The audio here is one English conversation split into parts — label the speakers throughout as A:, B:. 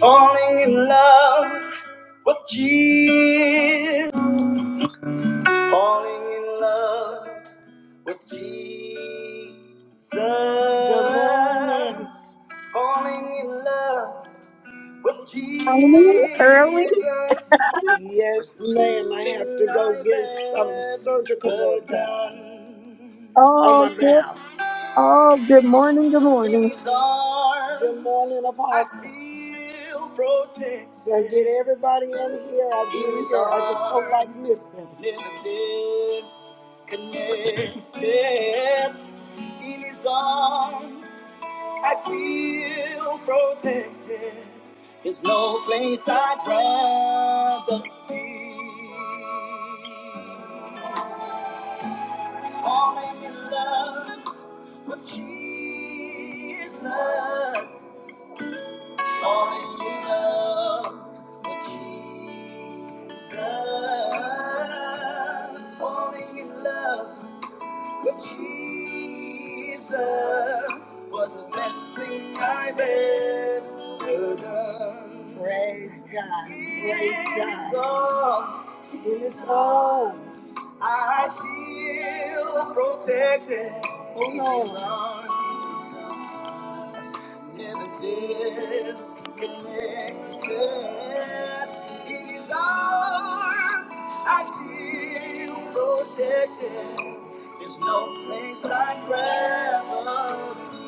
A: Falling in love with Jesus. Falling in love with Jesus. Falling in love with Jesus.
B: morning, early.
A: Yes, ma'am. I have to go get some surgical work done.
B: Oh, good. Oh, good morning. Good morning.
A: Good morning, Apostle. I Yeah, get everybody in here. I get in here. I just don't like missing. Connected in his arms, I feel protected. There's no place I'd rather be. Falling in love with Jesus. Falling in love with Jesus. Falling in love. Jesus was the best thing I've ever done. Praise God. Praise God. In His arms, in His arms, I feel protected. Oh no. Never disconnected. In His arms, I feel protected. There's no place I'd rather be.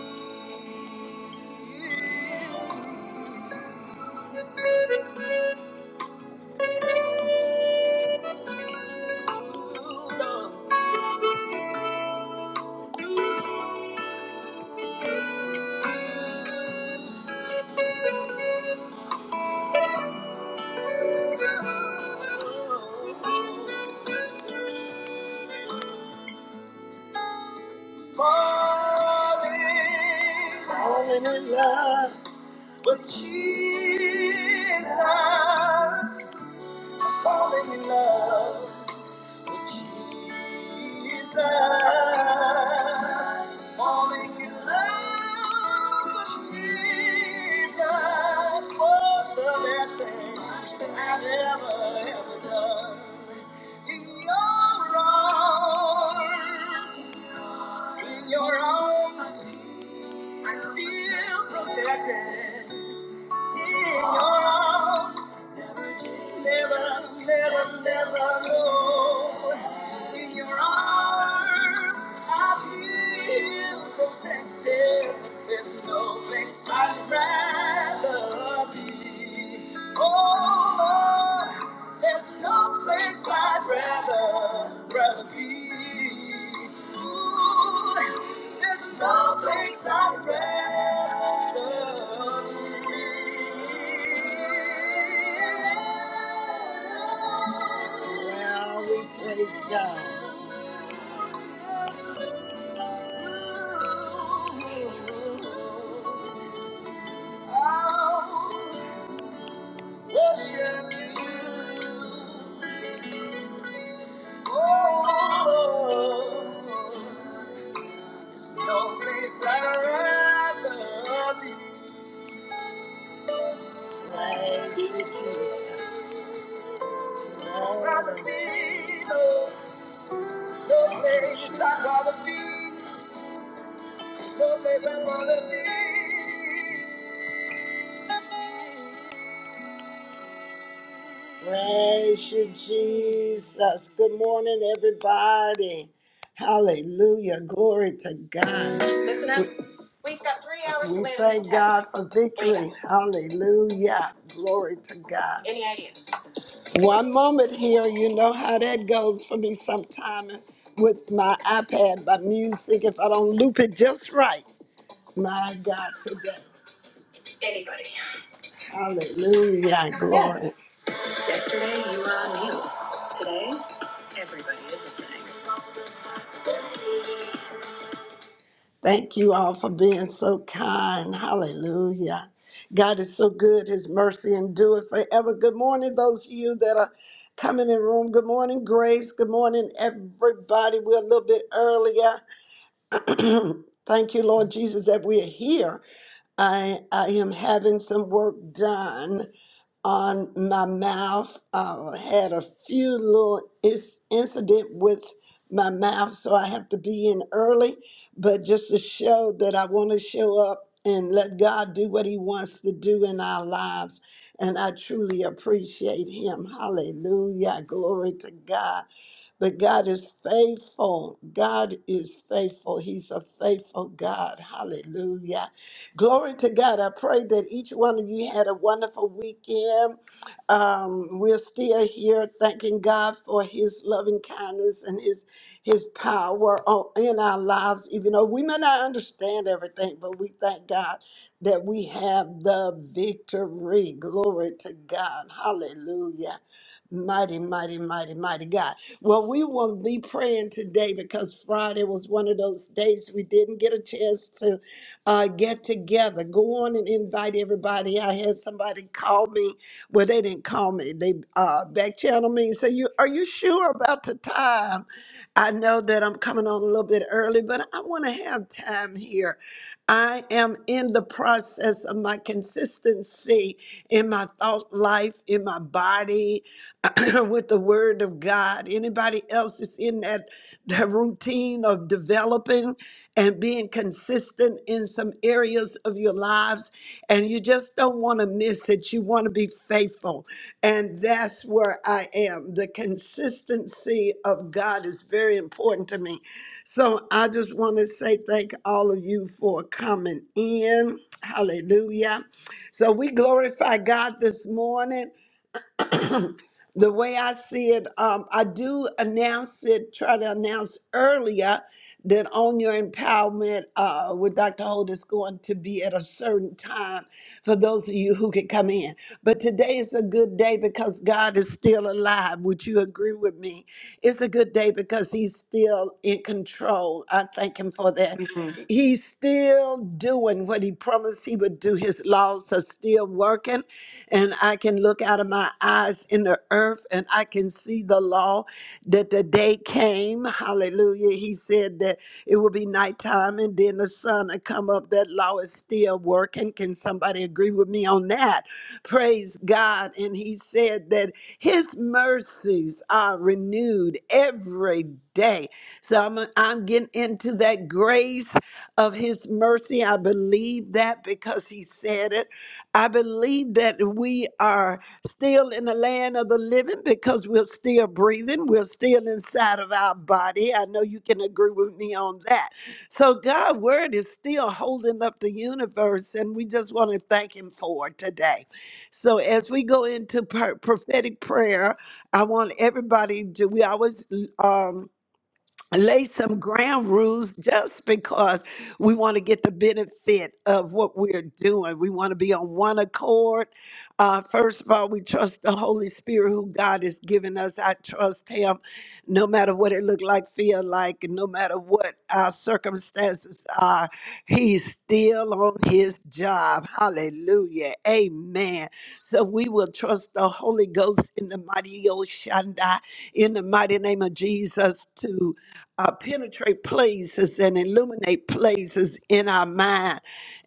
A: Falling, falling in love with Jesus. Falling in love. Jesus, falling in love with Jesus was the best thing I've ever, ever done. In your arms, in your arms, I feel protected. In your arms. Never, never, never know. In your arms, I feel protected. There's no place I'd rather be. Oh Lord, there's no place I'd rather, rather. Well, we praise God. Worship you. Oh, There's no place I'd rather be. Thank you, Jesus. I'd rather be, no, no place I'd rather be, no place I'd rather be. Praise you, Jesus. Good morning, everybody. Hallelujah. Glory to God. Listen up. We, have got three hours to we live. Thank tech. God for victory. Hallelujah. Glory to God. Any ideas? One moment here, you know how that goes for me sometime with my iPad, my music, if I don't loop it just right. My God, today. Anybody. Hallelujah, glory. Yes, everybody is a sinner. Thank you all for being so kind. Hallelujah. God is so good. His mercy endureth forever. Good morning, those of you that are coming in the room. Good morning, Grace. Good morning, everybody. We're a little bit earlier. Thank you, Lord Jesus, that we are here I I am having some work done on my mouth. I had a few little is- incident with my mouth, so I have to be in early. But just to show that I want to show up and let God do what He wants to do in our lives, and I truly appreciate Him. Hallelujah! Glory to God. But God is faithful. God is faithful. He's a faithful God. Hallelujah. Glory to God. I pray that each one of you had a wonderful weekend. Um, we're still here thanking God for his loving kindness and his his power on, in our lives, even though we may not understand everything, but we thank God that we have the victory. Glory to God. Hallelujah. Mighty, mighty, mighty, mighty God. Well, we will be praying today because Friday was one of those days we didn't get a chance to uh, get together. Go on and invite everybody. I had somebody call me. Well, they didn't call me. They uh, back channeled me and said, "You are you sure about the time?" I know that I'm coming on a little bit early, but I want to have time here. I am in the process of my consistency in my thought life, in my body, with the word of God. Anybody else is in that, that routine of developing and being consistent in some areas of your lives, and you just don't want to miss it. You want to be faithful. And that's where I am. The consistency of God is very important to me. So I just want to say thank all of you for coming in. Hallelujah. So we glorify God this morning. the way I see it, um, I do announce it, try to announce earlier that on your empowerment uh, with Dr. Holt is going to be at a certain time for those of you who can come in. But today is a good day because God is still alive. Would you agree with me? It's a good day because He's still in control. I thank Him for that.
C: you, Lord.
A: Mhm. He's still doing what He promised He would do. His laws are still working and I can look out of my eyes in the earth and I can see the law that the day came. Hallelujah. He said that it will be nighttime and then the sun will come up. That law is still working. Can somebody agree with me on that? Praise God. And he said that his mercies are renewed every day. So I'm, I'm getting into that grace of his mercy. I believe that because he said it. I believe that we are still in the land of the living because we're still breathing. We're still inside of our body. I know you can agree with me on that. So God's word is still holding up the universe, and we just want to thank Him for it today. So as we go into pro- prophetic prayer, I want everybody to. We always um, lay some ground rules just because we want to get the benefit of what we're doing. We want to be on one accord. Uh, first of all, we trust the Holy Spirit who God has given us. I trust Him no matter what it look like, feel like, and no matter what our circumstances are. He's still on His job. Hallelujah. Amen. So we will trust the Holy Ghost in the mighty Oshanda, in the mighty name of Jesus too uh, penetrate places and illuminate places in our mind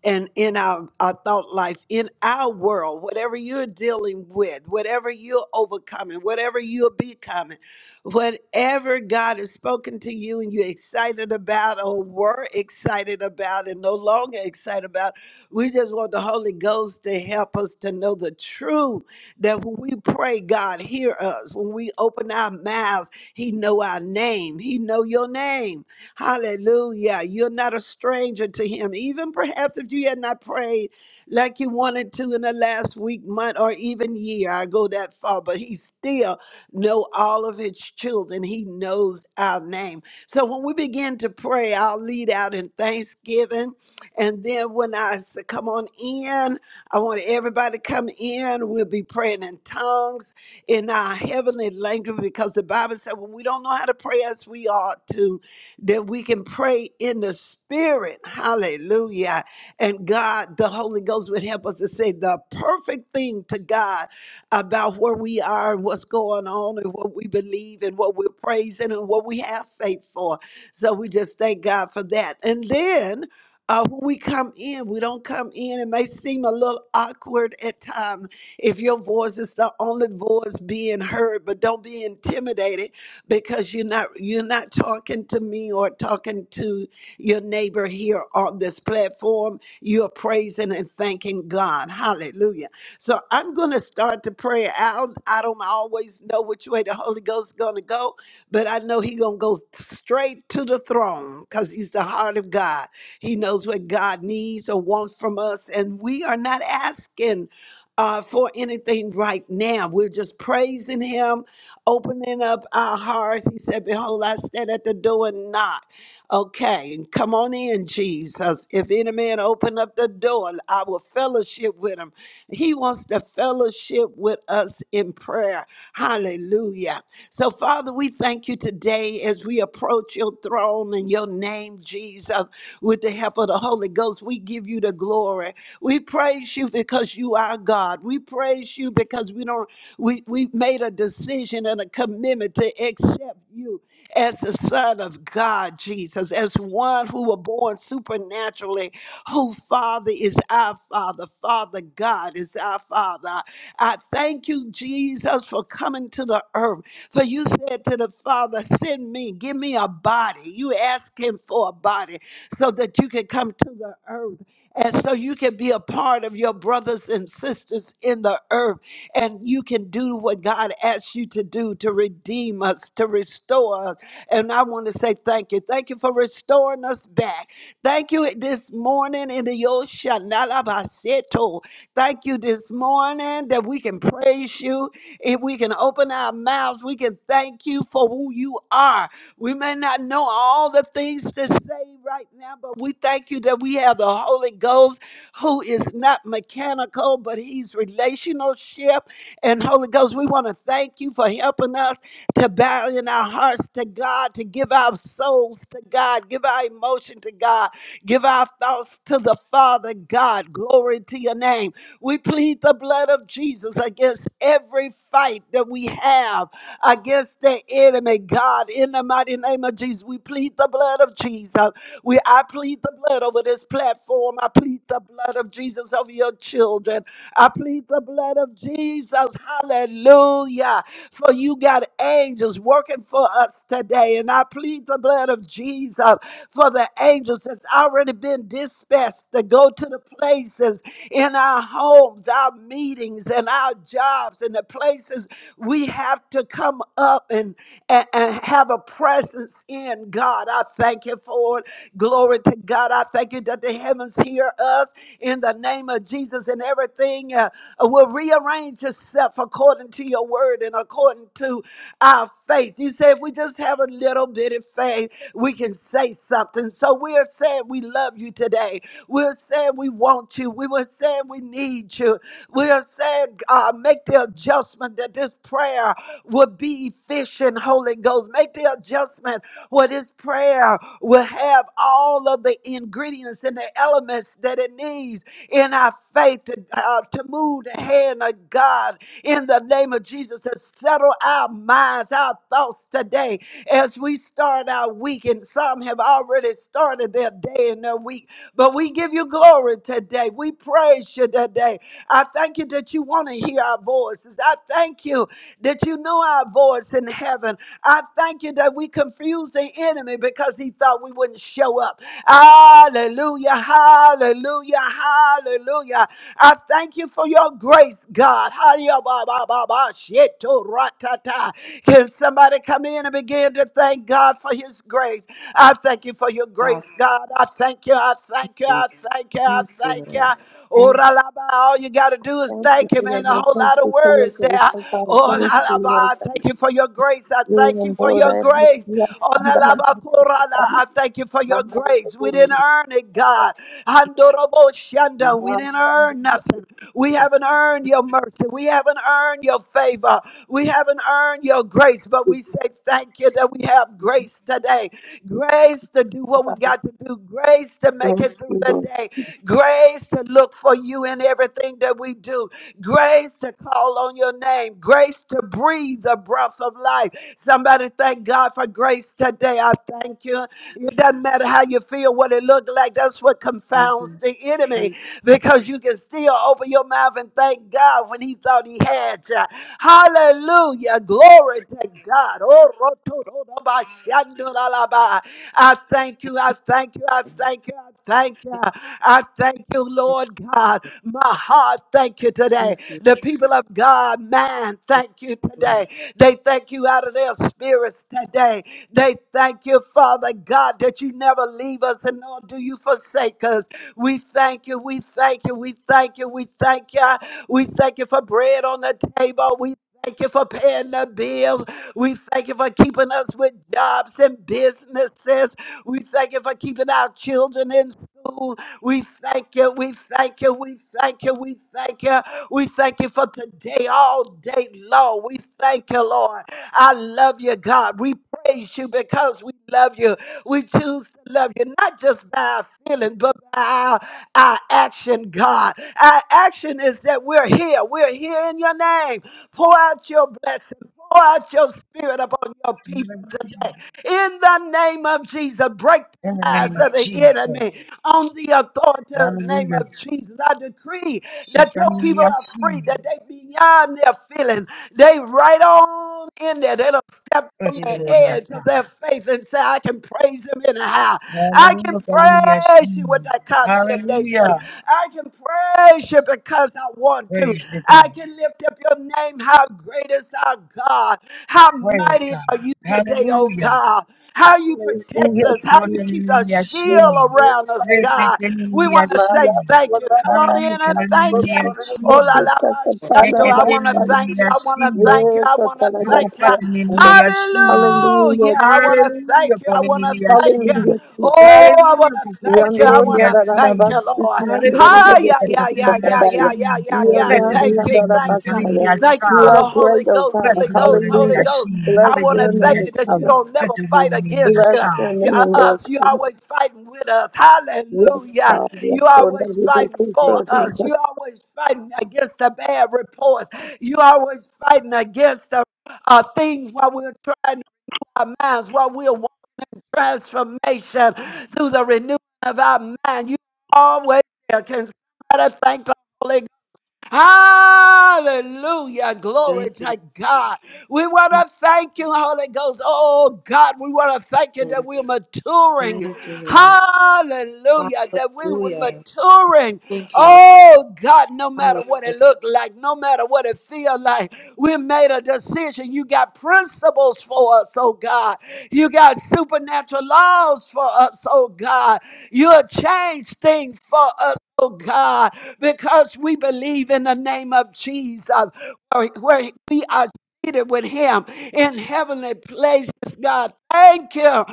A: and in our, our thought life, in our world, whatever you're dealing with, whatever you're overcoming, whatever you're becoming, whatever God has spoken to you and you're excited about or were excited about and no longer excited about, we just want the Holy Ghost to help us to know the truth that when we pray, God, hear us. When we open our mouths, he know our name. He know your name. Hallelujah. You're not a stranger to him. Even perhaps if you had not prayed like you wanted to in the last week, month, or even year, I go that far, but he still know all of his children. He knows our name. So when we begin to pray, I'll lead out in thanksgiving. And then when I say, come on in, I want everybody to come in. We'll be praying in tongues in our heavenly language because the Bible said when we don't know how to pray as we ought to, then we can pray in the spirit. Hallelujah. And God, the Holy Ghost would help us to say the perfect thing to God about where we are and what's going on and what we believe and what we're praising and what we have faith for. So we just thank God for that. And then uh, when we come in, we don't come in. It may seem a little awkward at times if your voice is the only voice being heard, but don't be intimidated because you're not you're not talking to me or talking to your neighbor here on this platform. You're praising and thanking God. Hallelujah. So I'm going to start the prayer out. I don't always know which way the Holy Ghost is going to go, but I know He going to go straight to the throne because He's the heart of God. He knows what God needs or wants from us, and we are not asking uh, for anything right now. We're just praising Him, opening up our hearts. He said, Behold, I stand at the door and knock. Okay, and come on in, Jesus. If any man open up the door, I will fellowship with him. He wants to fellowship with us in prayer. Hallelujah. So, Father, we thank you today as we approach your throne in your name, Jesus, with the help of the Holy Ghost. We give you the glory. We praise you because you are God. We praise you because we don't we we made a decision and a commitment to accept you as the Son of God, Jesus, as one who were born supernaturally, who Father is our Father, Father God is our Father. I thank you, Jesus, for coming to the earth. For you said to the Father, Send me, give me a body. You asked him for a body so that you could come to the earth. And so you can be a part of your brothers and sisters in the earth, and you can do what God asks you to do to redeem us, to restore us. And I want to say thank you. Thank you for restoring us back. Thank you this morning in the Yoshanalabaseto. Thank you this morning that we can praise you. If we can open our mouths, we can thank you for who you are we may not know all the things to say right now, but we thank you that we have the Holy Ghost who is not mechanical, but he's relationship. And Holy Ghost, we want to thank you for helping us to bow in our hearts to God, to give our souls to God, give our emotion to God, give our thoughts to the Father God. Glory to your name. We plead the blood of Jesus against every fight that we have against the enemy. God, in the mighty name of Jesus, we plead the blood of Jesus. We I plead the blood over this platform. I plead the blood of Jesus over your children. I plead the blood of Jesus. Hallelujah. For you got angels working for us today. And I plead the blood of Jesus for the angels that's already been dispatched to go to the places in our homes, our meetings, and our jobs, and the places we have to come up and, and, and have a presence in God. I thank you for it. Glory to God. I thank you that the heavens hear us in the name of Jesus and everything uh, will rearrange itself according to your word and according to our faith. You say if we just have a little bit of faith, we can say something. So we're saying we love you today. We're saying we want you. We were saying we need you. We are saying, God, make the adjustment that this prayer would be efficient, Holy Ghost. Make the adjustment where this prayer will have all of the ingredients and the elements that it needs in our faith to, uh, to move the hand of God in the name of Jesus to settle our minds, our thoughts today as we start our week. And some have already started their day and their week. But we give you glory today. We praise you today. I thank you that you want to hear our voices. I thank you that you know our voice in heaven. I thank you that we confused the enemy because he thought we wouldn't show up. Hallelujah, hallelujah, hallelujah. I thank you for your grace, God. Hallelujah, ba, ba, ba, ba, sheto, ratata. Can somebody come in and begin to thank God for his grace? I thank you for your grace,
C: God,
A: God. I thank you, I thank you,
C: thank
A: I thank you, I
C: you,
A: thank you.
C: Lord.
A: Oh,
C: Thank
A: Ralaba, all you got to do is
B: Thank you
A: thank
B: for
A: him.
B: your
A: Ain't a
B: grace.
A: whole
B: Thank
A: lot of
B: you for your
A: words
B: grace,
A: there.
B: oh God. I
A: Oh,
C: you,
B: Thank you,
A: Ralaba,
B: Lord.
A: I thank
B: Thank
A: you for your grace. I
C: Lord.
B: you,
A: thank you
B: and
A: for
B: Lord,
A: your
B: I make
A: grace.
B: you
A: Oh,
B: I'm the Lord.
A: Ralaba,
B: Thank you.
A: Korala,
B: Thank you.
A: I thank you for
B: My
A: your
B: God, I
A: grace. We
B: thank
C: Hallelujah.
A: didn't
B: you. I
A: earn it,
B: Thank
A: God. Handorobo
B: you.
A: Shanda,
B: My
A: we
B: God,
A: didn't
B: I thank
A: earn
B: you. I
A: nothing. We
B: Thank
A: haven't earned your mercy. We haven't earned your favor. We haven't earned your grace, but
B: you.
A: we say thank you that we have grace today. Grace to do
B: I
A: what we
B: Thank you.
A: got to do. Grace to make
B: Thank
A: it through
B: you,
A: the
B: Lord.
A: day grace to look for you in everything that we do, grace to call on your name, grace to breathe the breath of life. Somebody thank God for grace today. I thank you. It doesn't matter how you feel, what it looked like. That's what
C: Thank
A: confounds
C: you,
A: the enemy
C: thank
A: because you can still open your mouth and thank God when he thought he had you. Hallelujah. Glory to God. Oh, rotorobashandoralaba. I thank you. I thank you. I
C: you,
A: thank you. I thank
C: thank
A: you. I thank you,
C: you,
A: Lord God. My heart, thank you today.
C: thank you,
A: The people of God, man,
C: thank
A: thank you
C: you, Lord.
A: today. They thank you out of their spirits today. They thank you, Father God, that you never leave us and nor do you forsake us. We thank you. We thank you. We thank you. We thank you. We thank you for bread on the table. We thank you for paying the bills. We thank you for keeping us with jobs and businesses. We thank you for keeping our children in schools. We thank you. We thank you. We thank you. We thank you. We thank you for today, all day long. We thank you, Lord. I love you, God. We praise you because we love you. We choose to love you, not just by our feelings, but by our, our action, God. Our action is that we're here. We're here in your name. Pour out your blessing. Pour out your spirit upon your people
D: Hallelujah.
A: today. In the name of Jesus, break
D: In
A: the
D: the
A: lies
D: name
A: of
D: of
A: the
D: Jesus.
A: enemy on the authority of the name
D: Hallelujah.
A: of Jesus. I decree that your people are
D: Shekinah-yah-shee.
A: free, that they beyond their feelings, they right on in there. They don't step on
D: Bless the
A: the
C: Amen.
D: Lord, yes,
A: edge of their
D: God.
A: faith and say, I can praise him anyhow. I can
D: Hallelujah.
A: praise you
D: shekinah
A: without
D: yah
A: condemnation.
D: Hallelujah.
A: I can praise you because I want to.
D: Praise the
A: I
D: God.
A: can lift up your name. How great is our God? How
D: Praise
A: mighty
D: God.
A: are you today, oh
D: Hallelujah.
A: God? How you protect
B: Hallelujah,
A: us, how you
B: Jesus.
A: keep a
B: Bless
D: Shekinah-yah-shee.
A: shield
B: you,
A: around us,
B: Father.
A: God. We
D: shekinah yah
A: want to
B: My
A: say
B: love,
A: thank
B: Lord,
A: you.
B: I
A: Come on
B: love
D: Hallelujah.
A: in
B: you.
A: and
B: I
A: thank
B: so
A: Him.
B: totally
A: Oh,
D: Shekinah-yah-shee.
A: la
B: appreciate
A: la,
B: the God
A: I
B: of
A: want to
B: us.
C: Thank
A: thank
C: you.
A: you. I want to
D: Shekinah-yah-shee.
A: thank you.
B: Yes,
A: I
B: I
A: want to
B: tell you that,
A: thank you.
B: yes, Father.
D: Yokopatininiyashi.
B: Hallelujah.
A: Hallelujah. I want to
D: Hallelujah,
A: thank you. I want to thank.
D: kolininiyashi.
B: Hallelujah, Jesus.
A: Oh, I
D: Hallelujah,
A: want to thank you. I want
B: Yandoria da da
D: kokopatininiyashi.
B: da bas,
A: you, Lord.
D: Hallelujah,
B: yandoria
A: Hi,
B: de
A: yeah, yeah,
B: Christa
A: yeah,
B: da
A: yeah,
B: da ya.
D: kokopatatiniyashi.
A: yeah, yeah, yeah,
B: You are
A: yeah.
D: Blessed
B: God,
D: be
C: Lord.
A: Thank
D: the
B: ya
A: you.
D: name
A: Thank,
D: of
B: bas,
C: Hallelujah. Thank
B: ya.
C: you, Lord.
A: thank
D: Kaliniyasha.
A: you
B: You
A: for the
B: are great,
A: Holy
B: O
A: Ghost.
D: Bless
B: God.
D: the
A: Holy
D: Lord
A: Ghost.
D: and
A: Holy
B: Hallelujah.
A: Ghost.
D: Yashi.
B: Bless
A: I want to
B: your
D: Holy
A: thank
B: name,
A: you
D: Yashi.
A: that you
B: Father.
A: don't
D: Let
A: never
D: the
A: fight
D: holy name
A: against
B: Bless
D: Yasha.
B: your
A: you- are
B: name, Lord.
A: us. You always fighting with us.
B: Yes,
A: Hallelujah.
C: Thank
B: God. Yes,
A: You
B: Lord. That
A: always
B: you do
A: fighting
C: you, thank
A: for
C: you,
B: Christo
A: us.
B: da.
A: You always fighting against the bad reports. You always fighting against the uh, things while we're trying our minds, while we're wanting transformation through the renewing of our mind. You always there. Can somebody thank the Holy Hallelujah. Glory
C: thank
A: to God. We want
C: you,
A: to thank you, Holy Ghost. Oh, God, we want to thank you that we're
C: Thank you,
A: maturing.
C: Lord. Thank you, Lord.
A: Hallelujah. That we were
C: Hallelujah.
A: maturing.
C: Thank you, Lord.
A: Oh, God, no matter what it looked like, no matter what it feel like, we made a decision. You got principles for us, oh, God. You got supernatural laws for us, oh, God. You'll change things for us, oh, God because we believe in the name of Jesus, where we are seated with Him in heavenly places, God. Thank you.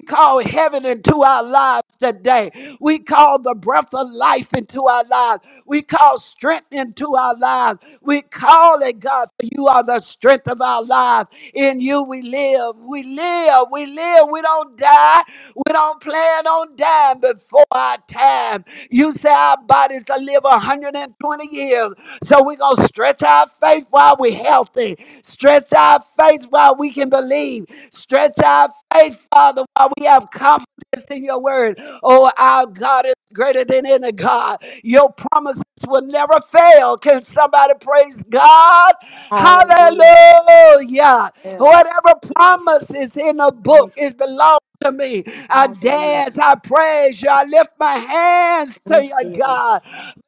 A: We Call heaven into our lives today. We call the breath of life into our lives. We call strength into our lives. We call it, God, for you are the strength of our lives. In you we live. We live. We live. We don't die. We don't plan on dying before our time. You say our bodies to live 120 years. So we're going to stretch our faith while we're healthy. Stretch our faith while we can believe. Stretch our faith, Father, while we have confidence in your word. Oh, our God is greater than any God. Your promises will never fail. Can somebody praise God?
C: Hallelujah.
A: Hallelujah.
C: Hallelujah.
A: Whatever
C: Yeah.
A: promise is in a book
C: Hallelujah.
A: is belongs to me. I
C: Thank you. Hallelujah.
A: dance, I praise you, I lift my hands to
C: Thank
A: you,
C: you, Lord.
A: God.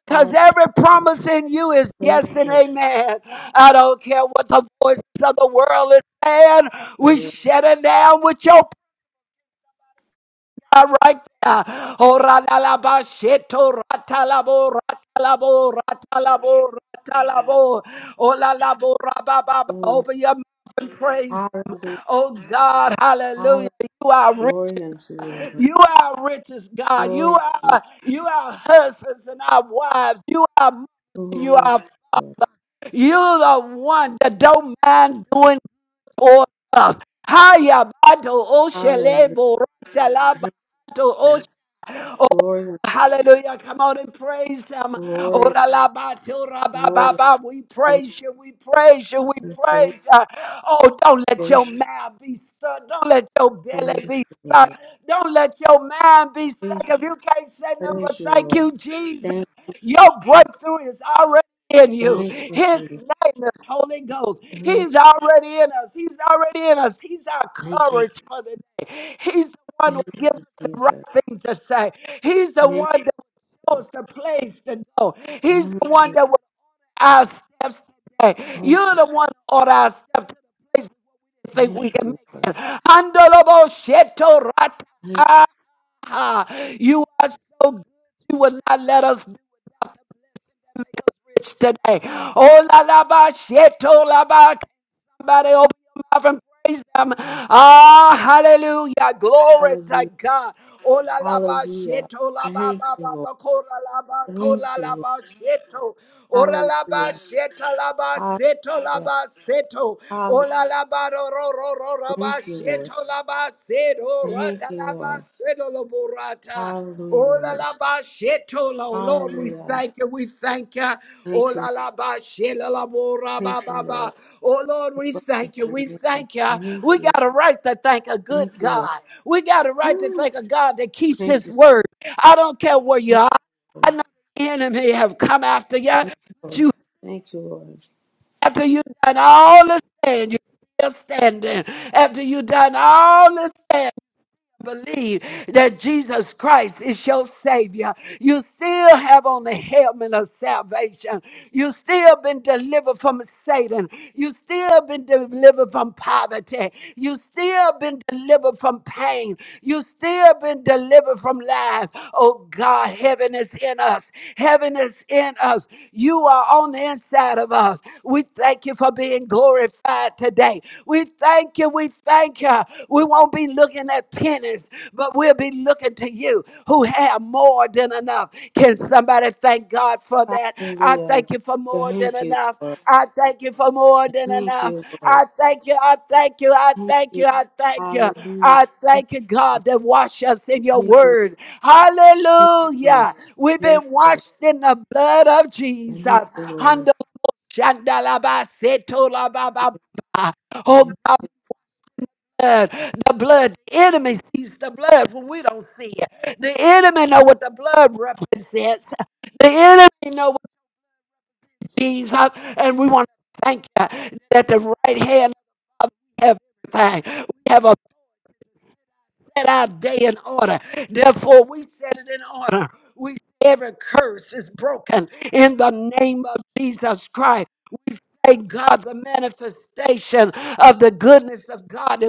A: Because
C: Hallelujah.
A: every promise in you is
C: Thank
A: yes and
C: you,
A: amen. I don't care what the voices of the world is saying. We
C: Lord.
A: shut it down with your are right there. Oralalabasheto ratalabo ratalabo ratalabo ratalabo. Olalabo rabababa.
C: Hallelujah.
A: Open your mouth and praise.
C: Hallelujah.
A: Oh God,
C: Hallelujah.
A: hallelujah. You are rich.
C: Glory unto you, Lord.
A: You are richest God. You
C: Glory to you,
A: are you are husbands and our wives. You are mothers and you
C: glory to
A: are
C: you.
A: you are the one that don't mind doing for us. Haya bato
C: Hallelujah.
A: oshelebo ratalaba.
C: Thank you. Glory,
A: Hallelujah. Come on and praise him.
C: glory,
A: Ora la ba ti, ora ba ba
C: glory,
A: ba. We
C: glory.
A: praise you. We praise you. We
C: Praise,
A: praise you. Oh, don't let your
C: praise,
A: mouth be stuck. Don't let your
C: praise
A: belly be
C: you, Lord.
A: stuck. Don't let your mind be stuck.
C: Praise,
A: If you can't say nothing
C: praise
A: but
C: you,
A: thank
C: Lord.
A: you, Jesus.
C: Thank
A: Your breakthrough is already in you. His name is Holy Ghost. He's already in us. He's already in us. He's our
C: you.
A: courage for the day. He's the one who
C: Thank
A: gives
C: you, Jesus. Thank, thank you. Thank you,
A: us the
C: Jesus.
A: right thing to say. He's the
C: Thank you.
A: one that knows the place to go.
C: Thank
A: He's
C: you.
A: the one that will our steps today.
C: Thank
A: You're
C: you.
A: the one that order our steps to the place we think
C: Thank
A: we can
C: you,
A: make
C: Lord.
A: it. Andolobo sheto
C: Thank you.
A: rata. You are so good. You will not let us down. rich today. Oh, la la ba, sheto la ba. Somebody open your mouth and praise them. Ah, hallelujah. Glory to
C: Hallelujah.
A: God. Oh, la la ba,
C: Hallelujah.
A: sheto la ba
C: Thank
A: ba
C: you,
A: ba
C: Lord.
A: ba, ko la la ba, ko
C: Thank
A: la la
C: you, Lord.
A: ba, sheto. Oh, la la ba,
C: Hallelujah.
A: sheta la ba, seto la
C: Hallelujah.
A: ba, seto. Oh, la la ba, ro ro ro ro ro
C: Thank
A: ba,
C: you, Lord.
A: sheto la ba, seto, ra
C: Thank
A: da
C: you,
A: la ba,
C: Lord.
A: seto lo burata.
C: Hallelujah,
A: Oh, la
C: Lord.
A: la ba sheto la. Oh, Lord, we
C: Hallelujah.
A: thank you. We thank you. Oh,
C: Thank you.
A: la la ba shela la bo ra
C: Thank
A: ba
C: you,
A: ba ba.
C: Lord.
A: Oh, Lord, we
C: Bless your
A: thank you.
C: holy
A: We
C: name.
A: thank you.
C: Thank
A: We
C: you.
A: got a right to thank a good
C: Thank you, Lord.
A: God. We got a right to
C: Woo.
A: thank a God that keeps
C: Thank
A: his
C: you.
A: word. I don't care where you
C: Thank
A: are. I
C: you.
A: know the enemy have come after you.
C: Thank
A: But
C: you.
A: you,
C: Thank you, Lord.
A: after you done all this, stand, you still standing. After you done all this, believe that Jesus Christ is your Savior, you still have on the helmet of salvation. You still been delivered from Satan. You still been delivered from poverty. You still been delivered from pain. You still been delivered from lies. Oh God, heaven is in us. Heaven is in us. You are on the inside of us. We thank you for being glorified today. We thank you. We thank you. We won't be looking at pennies, but we'll be looking to you who have more than enough. Can somebody thank God for that? I
C: Hallelujah.
A: thank you for more than
C: Thank you,
A: enough.
C: Lord.
A: I thank you for more
C: Thank
A: than
C: you,
A: enough.
C: Lord.
A: I thank you. I thank you. I
C: Thank
A: thank
C: you.
A: you. I thank you.
C: Hallelujah.
A: I
C: Thank
A: thank you, God, that wash us in your
C: you.
A: word.
C: Thank you,
A: Hallelujah. We've
C: Thank you,
A: been
C: Lord.
A: washed in the blood of
C: Thank you.
A: Jesus.
C: Thank you, Lord.
A: Shandalaba setolababa.
C: Thank
A: Oh God,
C: you.
A: blood, the blood, the enemy sees the blood when we don't see it. The enemy know what the blood represents. The enemy know what Jesus, and we want to thank you that at the right hand of God we have everything. We have a set our day in order. Therefore, we set it in order. We every curse is broken in the name of Jesus Christ. Thank God, the manifestation of the goodness of God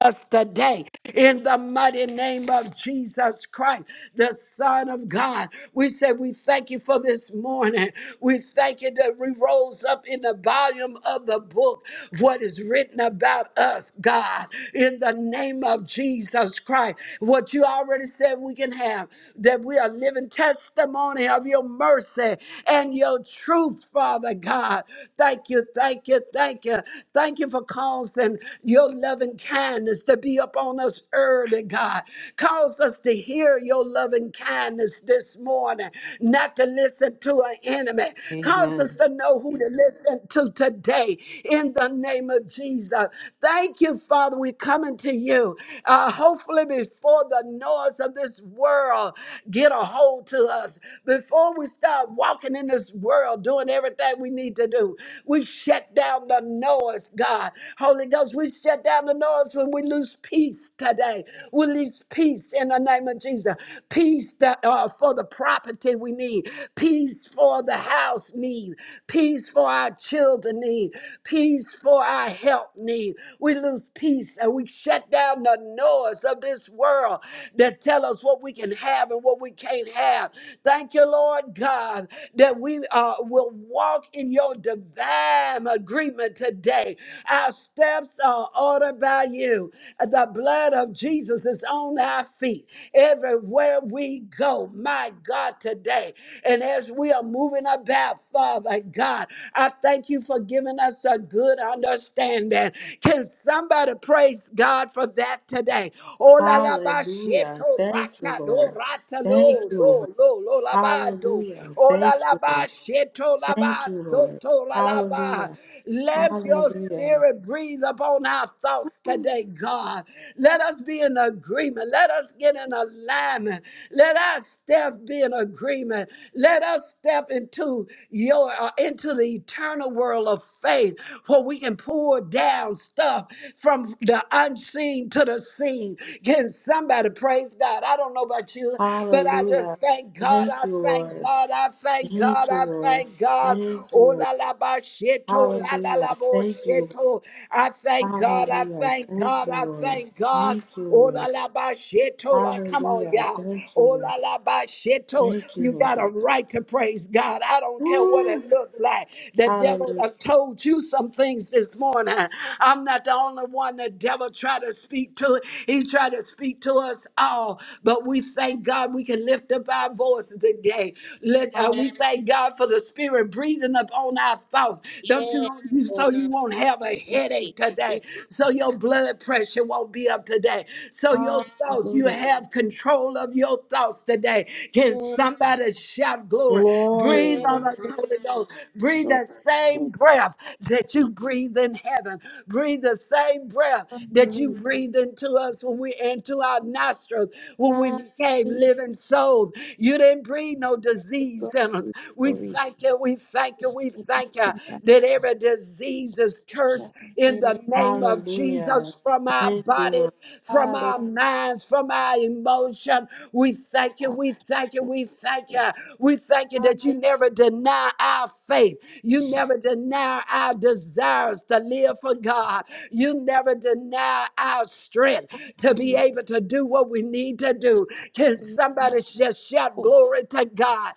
A: us today in the mighty name of Jesus Christ, the Son of God. We say we thank you for this morning. We thank you that we rose up in the volume of the book, what is written about us, God, in the name of Jesus Christ. What you already said we can have, that we are living testimony of your mercy and your truth, Father God. Thank you, thank you, thank you. Thank you for causing your loving kindness to be upon us early, God. Cause us to hear your loving kindness this morning, not to listen to an enemy. Cause
C: Amen.
A: us to know who to listen to today in the name of Jesus. Thank you, Father. We're coming to you. Uh, hopefully, before the noise of this world get a hold to us, before we start walking in this world doing everything we need to do, we shut down the noise, God. Holy Ghost, we shut down the noise when we lose peace today. We lose peace in the name of Jesus. Peace that, uh, for the property we need, peace for the house need, peace for our children need, peace for our health need. We lose peace and we shut down the noise of this world that tell us what we can have and what we can't have. Thank you, Lord God, that we uh, will walk in your divine agreement today. Our steps are ordered by you. The blood of Jesus is on our feet everywhere we go. My God, today. And as we are moving about, Father God, I thank you for giving us a good understanding. Can somebody praise God for that today? Oh la la ba
C: Hallelujah.
A: sheto
C: Thank you,
A: rata do
C: Lord.
A: rata
C: Thank
A: lo
C: you, Lord.
A: lo lo lo la ba do.
C: Hallelujah.
A: Oh la
C: Thank
A: la
C: you,
A: ba
C: Lord.
A: sheto la
C: Thank
A: ba
C: you, Lord.
A: soto la la ba.
C: Hallelujah.
A: Let your
C: Hallelujah.
A: spirit breathe upon our thoughts today, God. Let us be in agreement. Let us get get in alignment. Let our steps be in agreement. Let us step into your uh, into the eternal world of faith where we can pour down stuff from the unseen to the seen. Can somebody praise God? I don't know about you, but I just
C: Hallelujah.
A: thank God.
C: Thank
A: I
C: you,
A: thank
C: Lord.
A: God. I thank
C: Thank
A: God.
C: you,
A: I
C: Lord.
A: thank God.
C: Thank you,
A: Oh
C: Lord.
A: la la ba sheto la la
C: Hallelujah.
A: la bo
C: Thank you, Lord.
A: sheto. I thank God. I
C: Hallelujah.
A: thank
C: Thank
A: God.
C: you,
A: I
C: Lord.
A: thank God.
C: Thank you,
A: Oh la
C: Lord.
A: la ba sheto la, come on,
C: Hallelujah.
A: y'all.
C: Thank you,
A: Oh
C: Lord.
A: la la ba sheto.
C: Thank you,
A: You got
C: Lord.
A: a right to praise God. I don't care what
C: Woo.
A: it looked like. The devil
C: Hallelujah.
A: done told you some things this morning. I'm not the only one the devil tried to speak to. He tried to speak to us all, but we thank God we can lift up our voices today. Let uh,
E: Hallelujah.
A: we thank God for the Spirit breathing upon our thoughts. Don't you know?
E: Yes,
A: you- So
E: Lord.
A: you won't have a
E: Yes.
A: headache today.
E: Yes.
A: So your blood pressure won't be up today. So your thoughts, you
E: Hallelujah.
A: have control of your thoughts today. Can
E: Yes.
A: somebody shout glory? Breathe
E: Yes.
A: on
C: Glory.
A: us,
E: Yes.
A: Holy Ghost. Breathe
E: Sure.
A: that same
E: Truly.
A: breath that you breathe in heaven. Breathe the same breath that you
E: Hallelujah.
A: breathe into us when we into our nostrils when we became
E: Hallelujah.
A: living souls. You didn't breathe no disease in us.
E: Glory.
A: We
E: Glory.
A: thank you, we thank you, we thank you
E: Hallelujah.
A: that every disease is cursed in the name of
C: Hallelujah.
A: Jesus from our
C: Thank you, Lord.
A: body from
E: Hallelujah.
A: our minds, from our emotion. We thank you, we thank you, we thank you. We thank you that you
E: Hallelujah.
A: never deny our faith. You never deny our desires to live for God. You never deny our strength to be able to do what we need to do. Can
E: Yes. Yes.
A: somebody just shout
E: Oh,
A: glory to God?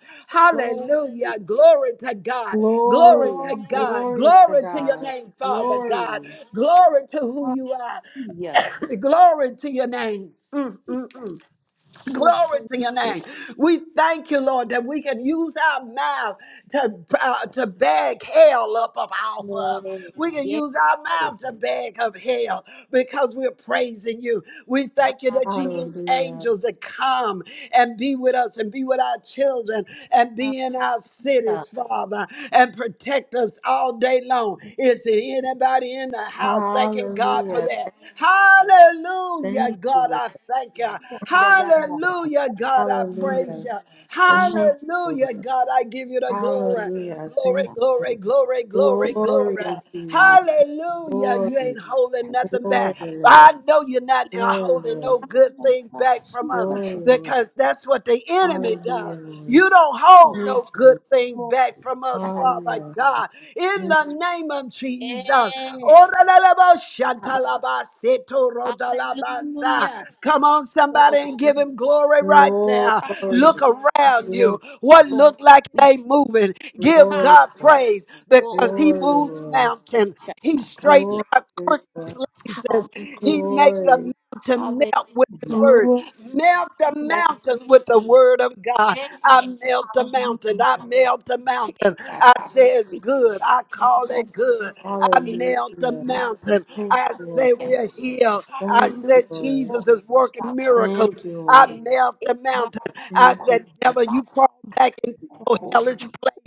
E: Glory.
A: Hallelujah. Glory to God. Glory to
C: Glory,
E: Glory.
A: God.
C: glory to
A: Glory to your
C: God.
A: name, Father God.
C: Glory.
A: Glory to who you are.
E: Hallelujah.
A: Glory to your name. Mm,
E: See.
A: mm, mm.
E: Who said
A: Glory to your
E: it?
A: name. We thank you, Lord, that we can use our mouth to, uh,
E: Yes.
A: to beg hell up of off of. We can
E: Yes.
A: use our mouth to beg of hell because we're praising you. We thank you that you loose
C: Hallelujah.
A: angels that come and and be with us and be with our children and be in our cities, Father, and protect us all day long.
E: Hallelujah.
A: Is there anybody in the house thanking God for
C: Hallelujah.
A: that? Hallelujah,
C: Thank
A: God,
C: you,
A: I thank you.
E: Glory to God.
C: Lord.
A: Hallelujah, God, I praise
C: Hallelujah.
A: you.
C: Thank you, Lord.
A: Hallelujah, God, I give you the glory.
C: Hallelujah. Thank
A: Glory,
C: you.
A: glory, glory, glory,
C: Glory
A: glory.
C: unto you,
A: Hallelujah.
C: Lord.
A: You
C: Glory.
A: ain't holding nothing
C: Glory,
A: back.
E: Tansia,
C: Lord.
A: I know you're not
C: Glory,
A: holding
C: Lord.
A: no good
E: Baya,
A: thing back from us
E: Basuka,
C: Glory, Lord.
A: because that's what the
E: Shataya,
A: enemy
C: Hallelujah,
A: does.
C: Lord.
A: You don't hold
C: Thank you,
A: no good
C: Lord.
A: thing
E: Umoka.
A: back from us, Father
C: Hallelujah.
A: God. In
C: Thank
A: the
C: you.
A: name of Jesus.
E: Yes.
A: Oralalabasatalabasetorodalabasa.
E: Hallelujah.
A: Come on, somebody,
E: Glory
A: and give him glory right now.
C: Glory.
E: Hallelujah.
A: Look around
C: Glory,
A: you. What
E: So,
A: looked like it ain't moving. Give
E: Zika,
C: glory,
A: God
C: Lord.
A: praise because
E: Uoki,
A: he
C: Glory,
A: moves
C: Lord.
A: mountains. He
E: Shataka.
A: straightened
E: Yes.
A: out
C: Glory.
A: crooked
C: Lord.
A: places.
E: Hallelujah.
A: He make the
C: Glory.
A: mountain melt with his
E: Hallelujah.
A: word.
C: Glory.
A: Melt the
E: Hallelujah.
A: mountains with the word of God. I melt the mountain. I
E: Hallelujah.
A: melt the
E: Yes.
A: mountain. I say it's good. I call it good. I melt the
C: Hallelujah.
A: mountain.
C: Thank
A: I
C: you, Lord.
A: say
C: Thank
A: we're
C: you,
A: healed.
C: Lord.
A: I
C: Thank you,
A: said
C: Lord.
E: People
A: Jesus is working
E: stop us.
A: miracles.
C: Thank
A: I
E: It
A: melt
E: it
A: the
E: must
A: mountain. I
C: you,
A: said, devil, you
E: stop
A: crawl back into your
E: people.
A: hellish place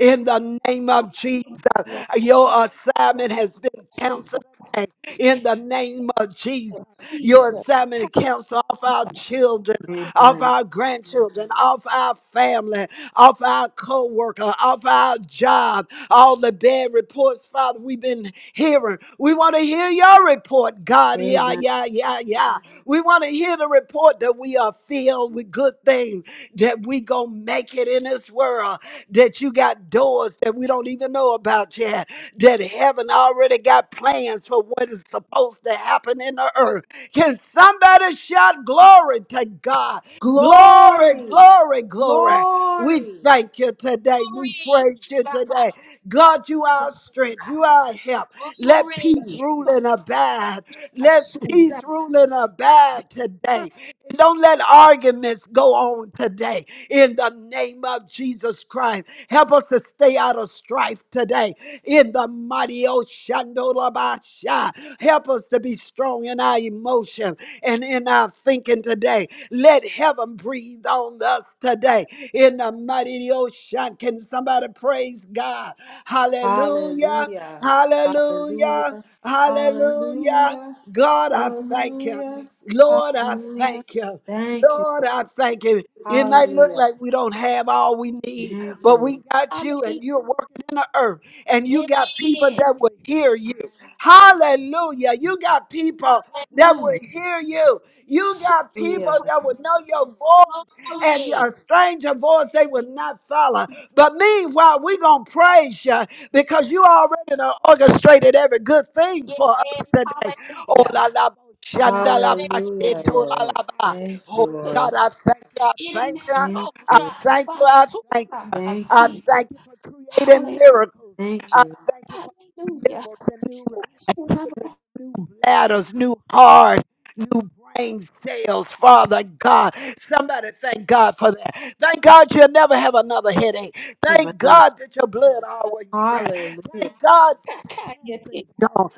A: in the name of Jesus.
E: Your voice
A: Your assignment has been canceled today in the name of Jesus.
E: of
A: Your
E: Jesus.
A: assignment to counsel off our
E: Glory.
A: children,
C: Lord.
A: off
C: Amen.
A: our grandchildren, off our family, off our co worker, off our job, all the bad reports, Father, we've been hearing. We want to hear your report, God. Yeah,
C: Amen.
A: yeah, yeah, yeah. We want to hear the report that we are filled with good things, that we going to make it in this world that you got doors that we don't even know about yet, that heaven already got plans for what is supposed to happen in the earth. Can somebody shout glory to God? Glory,
C: Glory.
A: glory, glory. We
C: Glory.
A: thank you today. We praise you today. God, you are our strength. You are our help. Let peace
E: Glory.
A: rule and abide. Let
E: Asunda.
A: peace rule and abide today. Don't let arguments go on today in the name of Jesus Christ. Help us to stay out of strife today in the mighty Oshandolabasha. Help us to be strong in our emotion and in our thinking today. Let heaven breathe on us today in the mighty ocean. Can somebody praise God? Hallelujah!
C: Hallelujah. Hallelujah.
A: Hallelujah! Hallelujah!
C: Hallelujah.
A: God, I thank you.
C: Hallelujah.
A: Lord, I
C: Hallelujah.
A: thank you.
C: Thank you.
A: Lord,
C: Lord.
A: I thank you. It might look
C: Hallelujah.
A: like we don't have all we need,
C: Thank you.
A: but
C: Lord.
A: we got you
E: Hallelujah.
A: and you're working in the earth and you
E: Yeah.
A: got people that will hear you. Hallelujah. You got people that
E: Hallelujah.
A: will hear you. You got people
C: Hallelujah.
A: that will know your voice and
E: Glory.
A: a stranger voice they will not follow. But meanwhile, we're going to praise you because you already done orchestrated every good thing
E: yes,
A: for us today. Oh,
E: Hallelujah.
A: la, la, bo- shanda, la, ba, she,
C: Hallelujah,
A: to, la,
C: Lord.
A: la, ba.
C: Thank you,
A: Oh
E: Hallelujah.
C: Lord.
A: God, I thank you, I
E: It
A: thank you,
E: is
C: Thank
E: so.
C: you.
A: I
E: God.
A: thank you,
E: But
A: I
E: so
A: thank you.
E: come as
C: Thank,
A: I
E: he.
A: thank you for creating
E: Halle-
A: miracles.
C: thank
A: I
C: you.
A: thank you for
E: Hallelujah.
A: miracles
E: It's to have a
A: new bladders, new hearts, new brain cells, Father God. Somebody thank God for that. Thank God you'll never have another headache. Thank
C: Amen.
A: God that your blood always be right.
C: Hallelujah.
A: Thank God that your cancer is gone.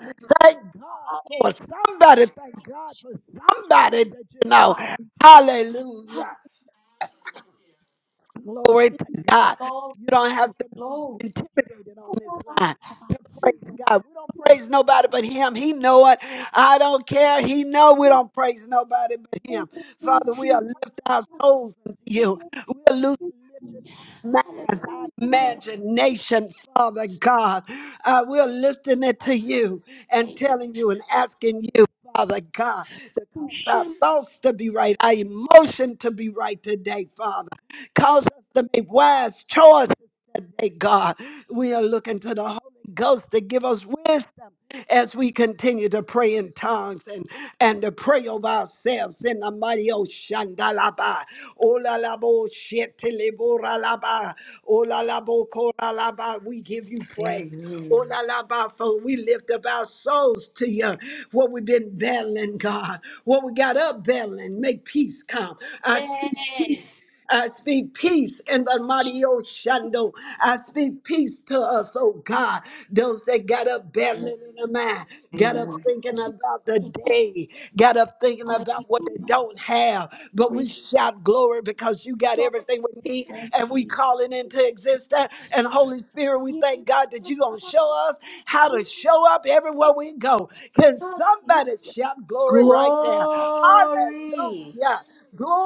A: Thank God for
E: Hallelujah.
A: somebody. Thank God for somebody that you know. Hallelujah.
E: Hallelujah.
A: Glory to God.
E: Glory,
A: You don't have to be
E: glory.
A: intimidated on this
E: Kuraba
A: line
E: taba
A: to
E: sine
A: praise God. We don't
E: tu
A: praise nobody
E: tu
A: but him. He know it. I don't care. He know we
E: tu.
A: don't praise nobody but him.
E: Ore be
A: Father, we
E: ti
A: are lifting our
E: ba
A: souls unto
E: ba
A: you.
E: ba
A: We are loose-
E: ti ti.
A: lifting our minds, our
E: Hallelujah.
A: imagination, Father God. Uh, we're lifting it to you and
E: Thank you,
A: telling you and asking you, Father God, to cause our thoughts to be right, our emotion to be right today, Father. Cause us to make wise choices today, God. We are looking to the Holy Ghost to give us wisdom as we continue to pray in tongues and, and to pray over ourselves in the mighty Oshandalaba. Olalabo Shetiliboralaba. Olalabo Koralaba. We give you praise.
C: Amen.
A: Olalaba, for we lift up our souls to you. What we've been battling, God. What we got up battling. Make peace come. I speak peace.
E: Yes.
A: I speak peace in the mighty Oshando. I speak peace to us, oh God. Those that got up battling in the mind, got up
C: Amen.
A: thinking about the day, got up thinking about what they
E: Hallelujah.
A: don't have. But we
E: Glory
A: shout glory because you got
E: to
A: everything we need
E: your
A: and we
E: name.
A: call it into existence. And Holy Spirit, we
E: Yes,
A: thank God that you're going to show us how to show up everywhere we go. Can
E: Hallelujah.
A: somebody shout glory
E: Oh,
A: right
E: she-
A: there?
E: uh,
C: Glory.
A: Hallelujah.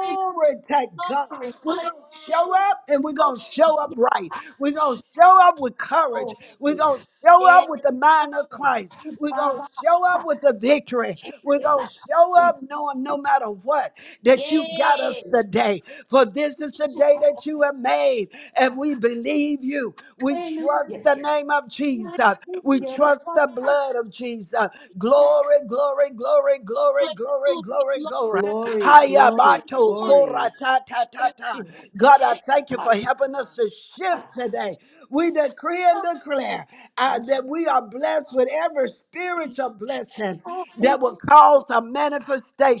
E: great
A: to God.
E: glory.
A: We're going to show up and we're going to show up
E: Hallelujah.
A: right.
E: I
A: We're going
E: see.
A: to show up with courage.
E: Oh,
A: We're
E: she-
A: going to show
E: eh,
A: up with the
E: oh,
A: mind of Christ. We're going to
E: Baba.
A: show up
E: ta-
A: with the victory. We're
E: eh,
A: going
E: la-
A: to show
E: oh,
A: up knowing no matter what that you got us
E: Yeah.
A: today. For this is the day that you have made, and we believe you. We trust
E: Hallelujah.
A: the name of Jesus. We
E: Hallelujah.
A: trust the
E: Rabba,
A: blood of Jesus.
E: yeah.
A: Glory, glory, glory, glory, glory,
E: Hallelujah.
A: glory,
E: Lord,
A: glory.
E: I
C: Glory,
E: see
C: glory,
E: you.
A: Hayabato,
E: Lord,
C: glory.
A: kora, ta, ta, ta, ta.
E: you.
A: God, I
E: Eh,
A: thank you for helping us to shift
E: I-
A: today. We decree and declare uh,
E: I
A: that we are blessed with every
E: see.
A: spiritual blessing that
E: Hallelujah.
A: will cause a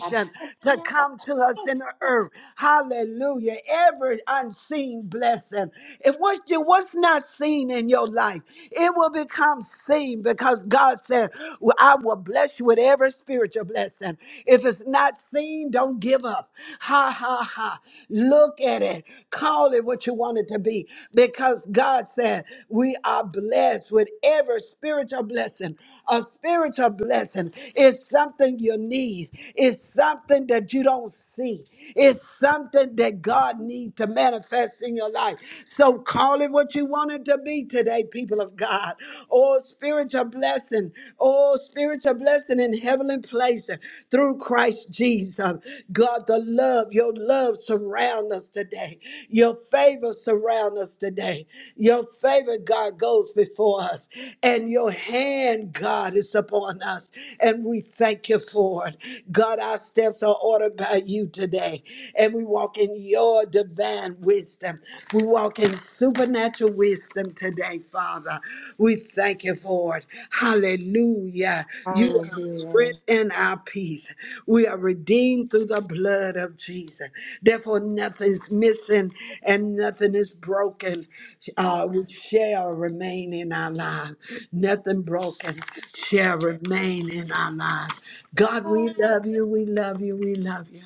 E: That's gonna be
A: to
E: about
A: come
E: so
A: to us in the earth. Hallelujah. Every unseen blessing blessing. If what you what's not seen in your life, it will become seen because God said, well, I will bless you with every spiritual blessing. If it's not seen, don't give up. Ha ha ha. Look at it. Call it what you want it to be. Because God said we are blessed with every spiritual blessing. A spiritual blessing is something something you need. It's something that you don't see. It's something that God needs to manifest in your life. So call it what you want it to be today, people of God. Oh, spiritual blessing. Oh, spiritual blessing in heavenly places through Christ Jesus. God, the love, your love surround us today. Your favor surround us today. Your favor, God, goes before us and your hand, God, is upon us. And we thank you for it. God, our steps are ordered by you today. And we walk in your divine wisdom. We walk in supernatural wisdom today, Father. We thank you for it. Hallelujah. You are our
C: Hallelujah.
A: strength and our peace. We are redeemed through the blood of Jesus. Therefore, nothing's missing and nothing is broken,
E: much.
A: uh, which shall remain in our lives. Nothing broken shall remain in our lives. God, we
E: Hallelujah.
A: love you. We love you. We love you.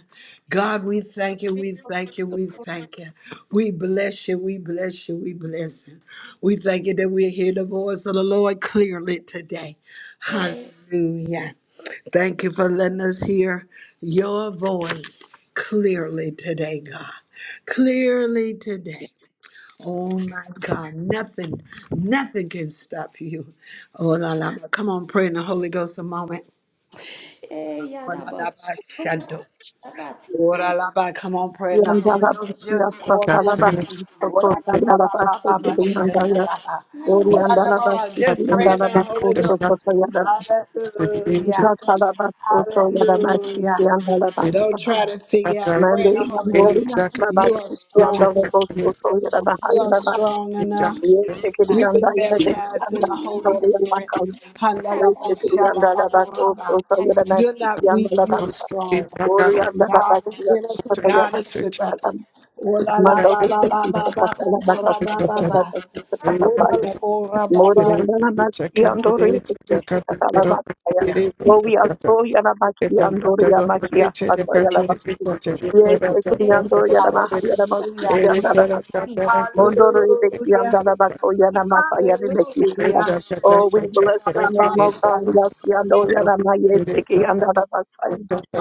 A: God, we thank you. We thank you. We thank you. We bless you. We bless you. We bless you. We thank you that we hear the voice of the Lord clearly today. Hallelujah. Thank you for letting us hear your voice clearly today, God. Clearly today. Oh my God, nothing, nothing can stop you. Oh la la, come on, pray in the Holy Ghost a moment.
E: Eh,
A: Oh
E: yada
A: la la,
E: ba
A: la,
E: su-
A: shando.
E: ko- shaba ti
A: Oh la
E: se
A: la, la. come on, pray in the Holy
B: Yandala bas,
A: Ghost
B: ya.
A: just for
F: God
B: Sokala
F: to the
B: bas,
F: next
A: Oh la
E: kaya
B: sokota
F: thing,
B: yala bas,
E: su
A: la, la,
B: sokota
E: na
F: oh God,
B: yandala.
A: la, la.
B: Ori
F: we
E: kaye
B: andala
F: have
B: basiki
A: just
F: to
A: pray in
B: andala
F: lose
A: the
F: this
A: Holy
B: bakoso
F: because
A: Ghost.
F: nothing
B: soto
E: su
B: yada
E: ko-
F: is to be needed.
B: ika
A: Hallelujah,
B: kala basoto yada basiki
A: Hallelujah.
B: andala
F: And
B: basa.
A: Don't try to figure
F: that's
A: out.
F: our
B: Mende igambori
F: daily check,
B: andala
E: se
A: You are
B: basiki
A: strong.
F: future,
B: andala
F: future,
B: basoto
E: ako
B: yada baha
A: You are
B: yada basa.
A: strong
E: su
F: future.
A: enough.
B: Ye
E: su
B: tekeli
E: ba ta
B: yanda yada deki
A: That's in
B: yanda
A: the
E: ya
A: Holy.
B: yandori
E: nde
B: yanda kali.
E: ke ta
B: Ye
A: Hallelujah.
E: ba
A: ba,
B: tekeli
E: su
A: shaba.
B: yandala basoto
E: ba
B: soto
E: ta
B: yada
A: You're not
B: basiki
A: weak.
B: andala
F: But also,
B: basa.
E: ki
F: we
A: Strong.
E: ba
F: have
B: Ori
F: got
E: su
F: our
B: andala
A: God
B: basiki
A: is in
B: yada
A: us and
B: soto
F: future,
B: yada
A: God is
B: basiki
A: with
F: future,
A: us.
B: yada.
A: Ola la
F: that
B: Manda
A: ba
F: is
A: ba
B: bote
F: the
A: ba ba
B: kusa
F: future,
A: ba
B: kasa yada basa
A: ba ba
B: soto
F: future.
A: ba.
B: yada
E: ba
F: We
B: basiki
F: have
A: Ola
B: yada.
A: la
F: to
A: ora ba ba
F: today,
B: Moriandana
F: we
B: Maki
F: check out
E: ta
F: for
B: Andori
F: daily, check
B: Kisha
F: out for total,
E: ba
F: for
B: Katalabataya.
E: ya
F: daily, we
E: ti
B: Oh,
F: check
B: we are
F: out for-
B: so Yanabaki
F: it's a
B: and
F: matter
B: Doria
F: of the
B: Makia
F: future, the
E: ta
F: future is
B: Satayalabaki.
F: equal to the future,
B: Yes,
F: the
E: e lu
F: future,
B: Ekuriando
E: ki
F: the
B: Yanamaha
F: future.
E: ko
B: Yanamaki
A: ya.
F: It
E: ba
F: is God,
B: Yandarabaka.
E: ni.
F: God, God,
E: a-
B: Mondoro
A: Hallelujah.
B: Rebeki
F: God.
B: Yandarabako Yanamaka
E: Se
B: Yanibeki
E: ta
F: It's
E: ba
B: Saba.
A: Hallelujah.
B: Oh, we bless your
A: Ola ba.
E: ala
B: name, O God. Yes,
E: ke
B: Yando Yanama Yeseki
E: ta
B: Yandarabaka.
E: ta.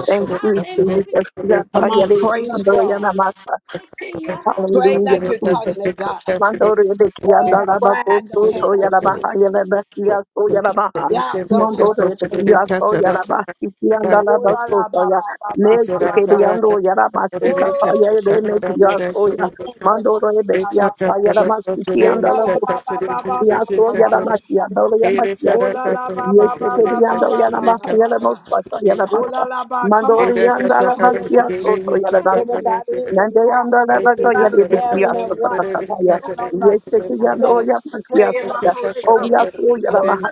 B: Thank you, Jesus.
E: Hallelujah.
B: Yapa
A: Come on,
B: Yarebi
A: praise
B: Yando
A: God.
B: Yanamaka.
E: He must
A: Pray like
B: Hallelujah,
A: you're
B: Jesus.
A: talking to God.
B: Mandore de Kianda
A: All pride,
B: Labaso, so Yalabaha, Yalabasia, so Yalabaha,
A: doubt, don't have.
B: Mandore de Kia, so Yalabasi, Kianda Labaso,
A: Ola ba
B: Soya,
A: ba ba.
B: Nel Kebiando, Yarabasika,
A: Oh,
B: Paya, de Nekia, Soya,
A: Jesus.
B: Mandore de Kia, Yalabasi,
A: Ba ba ba ba.
B: Yaso
F: a
B: yarabakia, dole
F: It is
B: yamakia,
F: A
A: Ola
B: sike.
A: la ba ba ba.
B: Yeke kedi yanda yarabaha yarabasa yarabasa.
A: Ola la ba. Come
B: Mandori yanda labakia soto yarabasa.
A: everybody in the
B: Nande yanda labako yarabakia
A: morning and
B: soto
A: watch
B: takabaya.
A: on the
B: Yeke kedi yanda
A: stage.
B: yamakia
A: Pray and
B: saya.
A: let
B: O
A: go.
B: yaso
A: Ola
B: yarabaha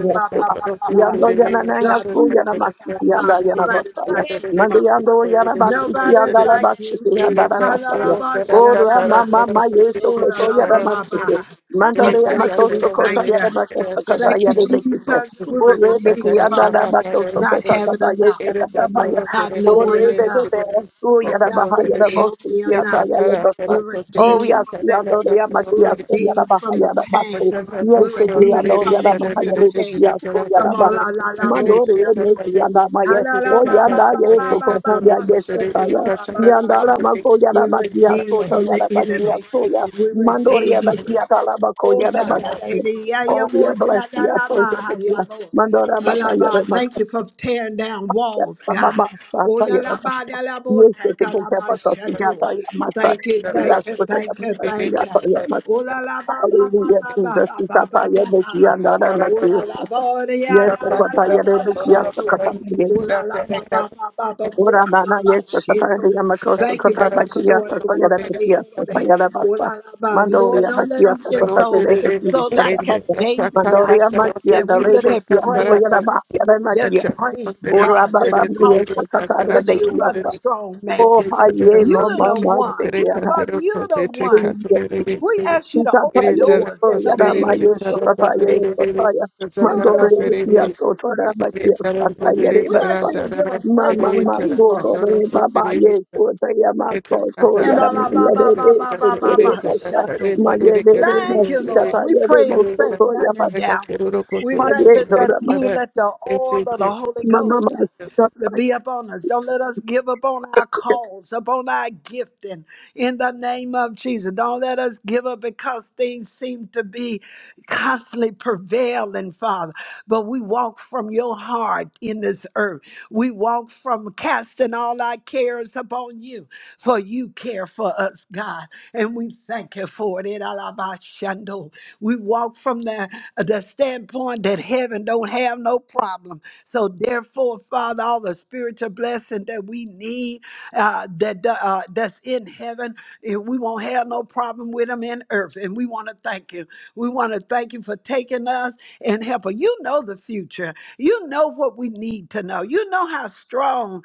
A: la ba ba
B: seva.
A: ba ba.
B: Yando yanana
A: God,
B: yaso
A: you is
B: yaramaki
A: my God.
B: yanda yarabasa ya. Mande yando yarabaki
A: Nobody.
F: Thank
B: yanda
F: you.
B: labaki yanda
F: It's
B: labasa ya.
E: So
A: Halalabasha.
B: O rama mama yeso koto yarabasa
A: Olabaha.
B: Mandore ya
A: Thank you. We
B: makoso kota
A: thank
B: ya
A: you.
B: da makoso kota
A: Thank you,
B: ya de bekite.
A: son. that We were
B: Ore de kuyanda da makoso
A: not
B: kota da
A: having,
B: ba ye se da da ba ya.
A: not knowing
B: Ore de de de esu ya da ba ha ya da bosi ya
A: him now.
B: da ya le
A: We
B: bosa. Oh
A: redeemed,
B: ya si ando ya makia se ya da
A: redeemed.
B: ba ha ya da ba se. Ye se ki ando ya da ba ha ya de de ya so ya da
A: From
B: ba.
A: all our lalabos.
B: Mandore ya ne ki yanda ma ye. O
A: Halalababa.
B: yanda ye so kota ya ye se sa ya. Yanda la
F: a
B: mako ya da
F: it's
B: makia so to
A: From
B: ya
A: the
B: da makia so ya.
A: we were
B: Mandoria bakia talabako
A: oh God,
B: yara bakia.
A: amen. Yeah, yeah,
B: Oh,
A: boy,
B: yeah, bless you. I pray for
A: shalalaba.
B: you. Mandora bakaya
A: Alaba, thank
B: remako.
A: you for tearing down walls,
B: Baba
A: God.
B: basa
A: Oh la
B: taya
A: la
B: baba.
A: ba da la bo.
B: Yes, if it is ever so, yeah, taya masa.
A: Thank you,
B: We
A: thank
B: ask for taya
A: you,
B: masa,
A: thank
B: yeah, taya
A: you.
B: masa.
A: Oh la la ba ba.
B: Hallelujah, Jesus. We tap taya bakia, nara
A: Oh la
B: makia.
A: la ba yeah,
B: Yes, Papa, taya bakia, sakata.
A: Ola la ba ba ba ba ba cool.
B: Ora nana yesa
A: Shit.
B: sapara de yamakosto
A: Thank you
B: kota
A: for
B: bakuya
A: destroying.
B: sasa yada bekia sasa yada basa.
A: Ola la ba.
B: Mando ya
A: Lord,
B: bakia sasa sasa
A: so
B: de bekia
A: so
B: sasa
A: like a
B: basa.
A: daisy
B: Mando ya makia
A: that
B: da
A: we
B: re bekia bo yada ba makia.
A: just praying,
B: Ora
A: God.
B: baba
A: How
B: yesa sapara de bekia
F: a
B: sasa.
A: strong man.
B: Oh ha no mama sekia
A: Father, you're the one.
B: ha.
A: We ask you to
B: Isataya eso yarama yeso kataya eso taya
A: you
B: mandore besia sotora bakia sataya
A: ask you
B: rebasa
A: to give us favor
B: mama
A: with
B: maso
A: people.
B: dore baba yeso taya maso
A: And
B: yaram
A: Allah ba ba
B: yare
A: ba
B: beso
A: ba ba. Dear
B: maye dere
A: Lord, we
B: kataya de
A: pray in
B: moso
A: faith
B: to
A: down. We thank
B: paye dora
A: you. You Let the oil of the Holy Ghost.
B: mama
A: to be upon us. Don't let us give up on our
B: kataya
A: calls, upon our gifting in the name of Jesus. Don't let us give up because things seem to be constantly prevailing, Father. But we walk from your heart in this earth. We walk from casting all our cares upon you, for you care for us, God. And we thank you for it. In Alabashando. We walk from the, the standpoint that heaven don't have no problem so therefore, Father, all the spiritual blessing that we need, uh, that uh, uh, that's in heaven, and we won't have no problem with them in earth. And we want to thank you. We want to thank you for taking us and helping. You know the future. You know what we need to know. You know how strong.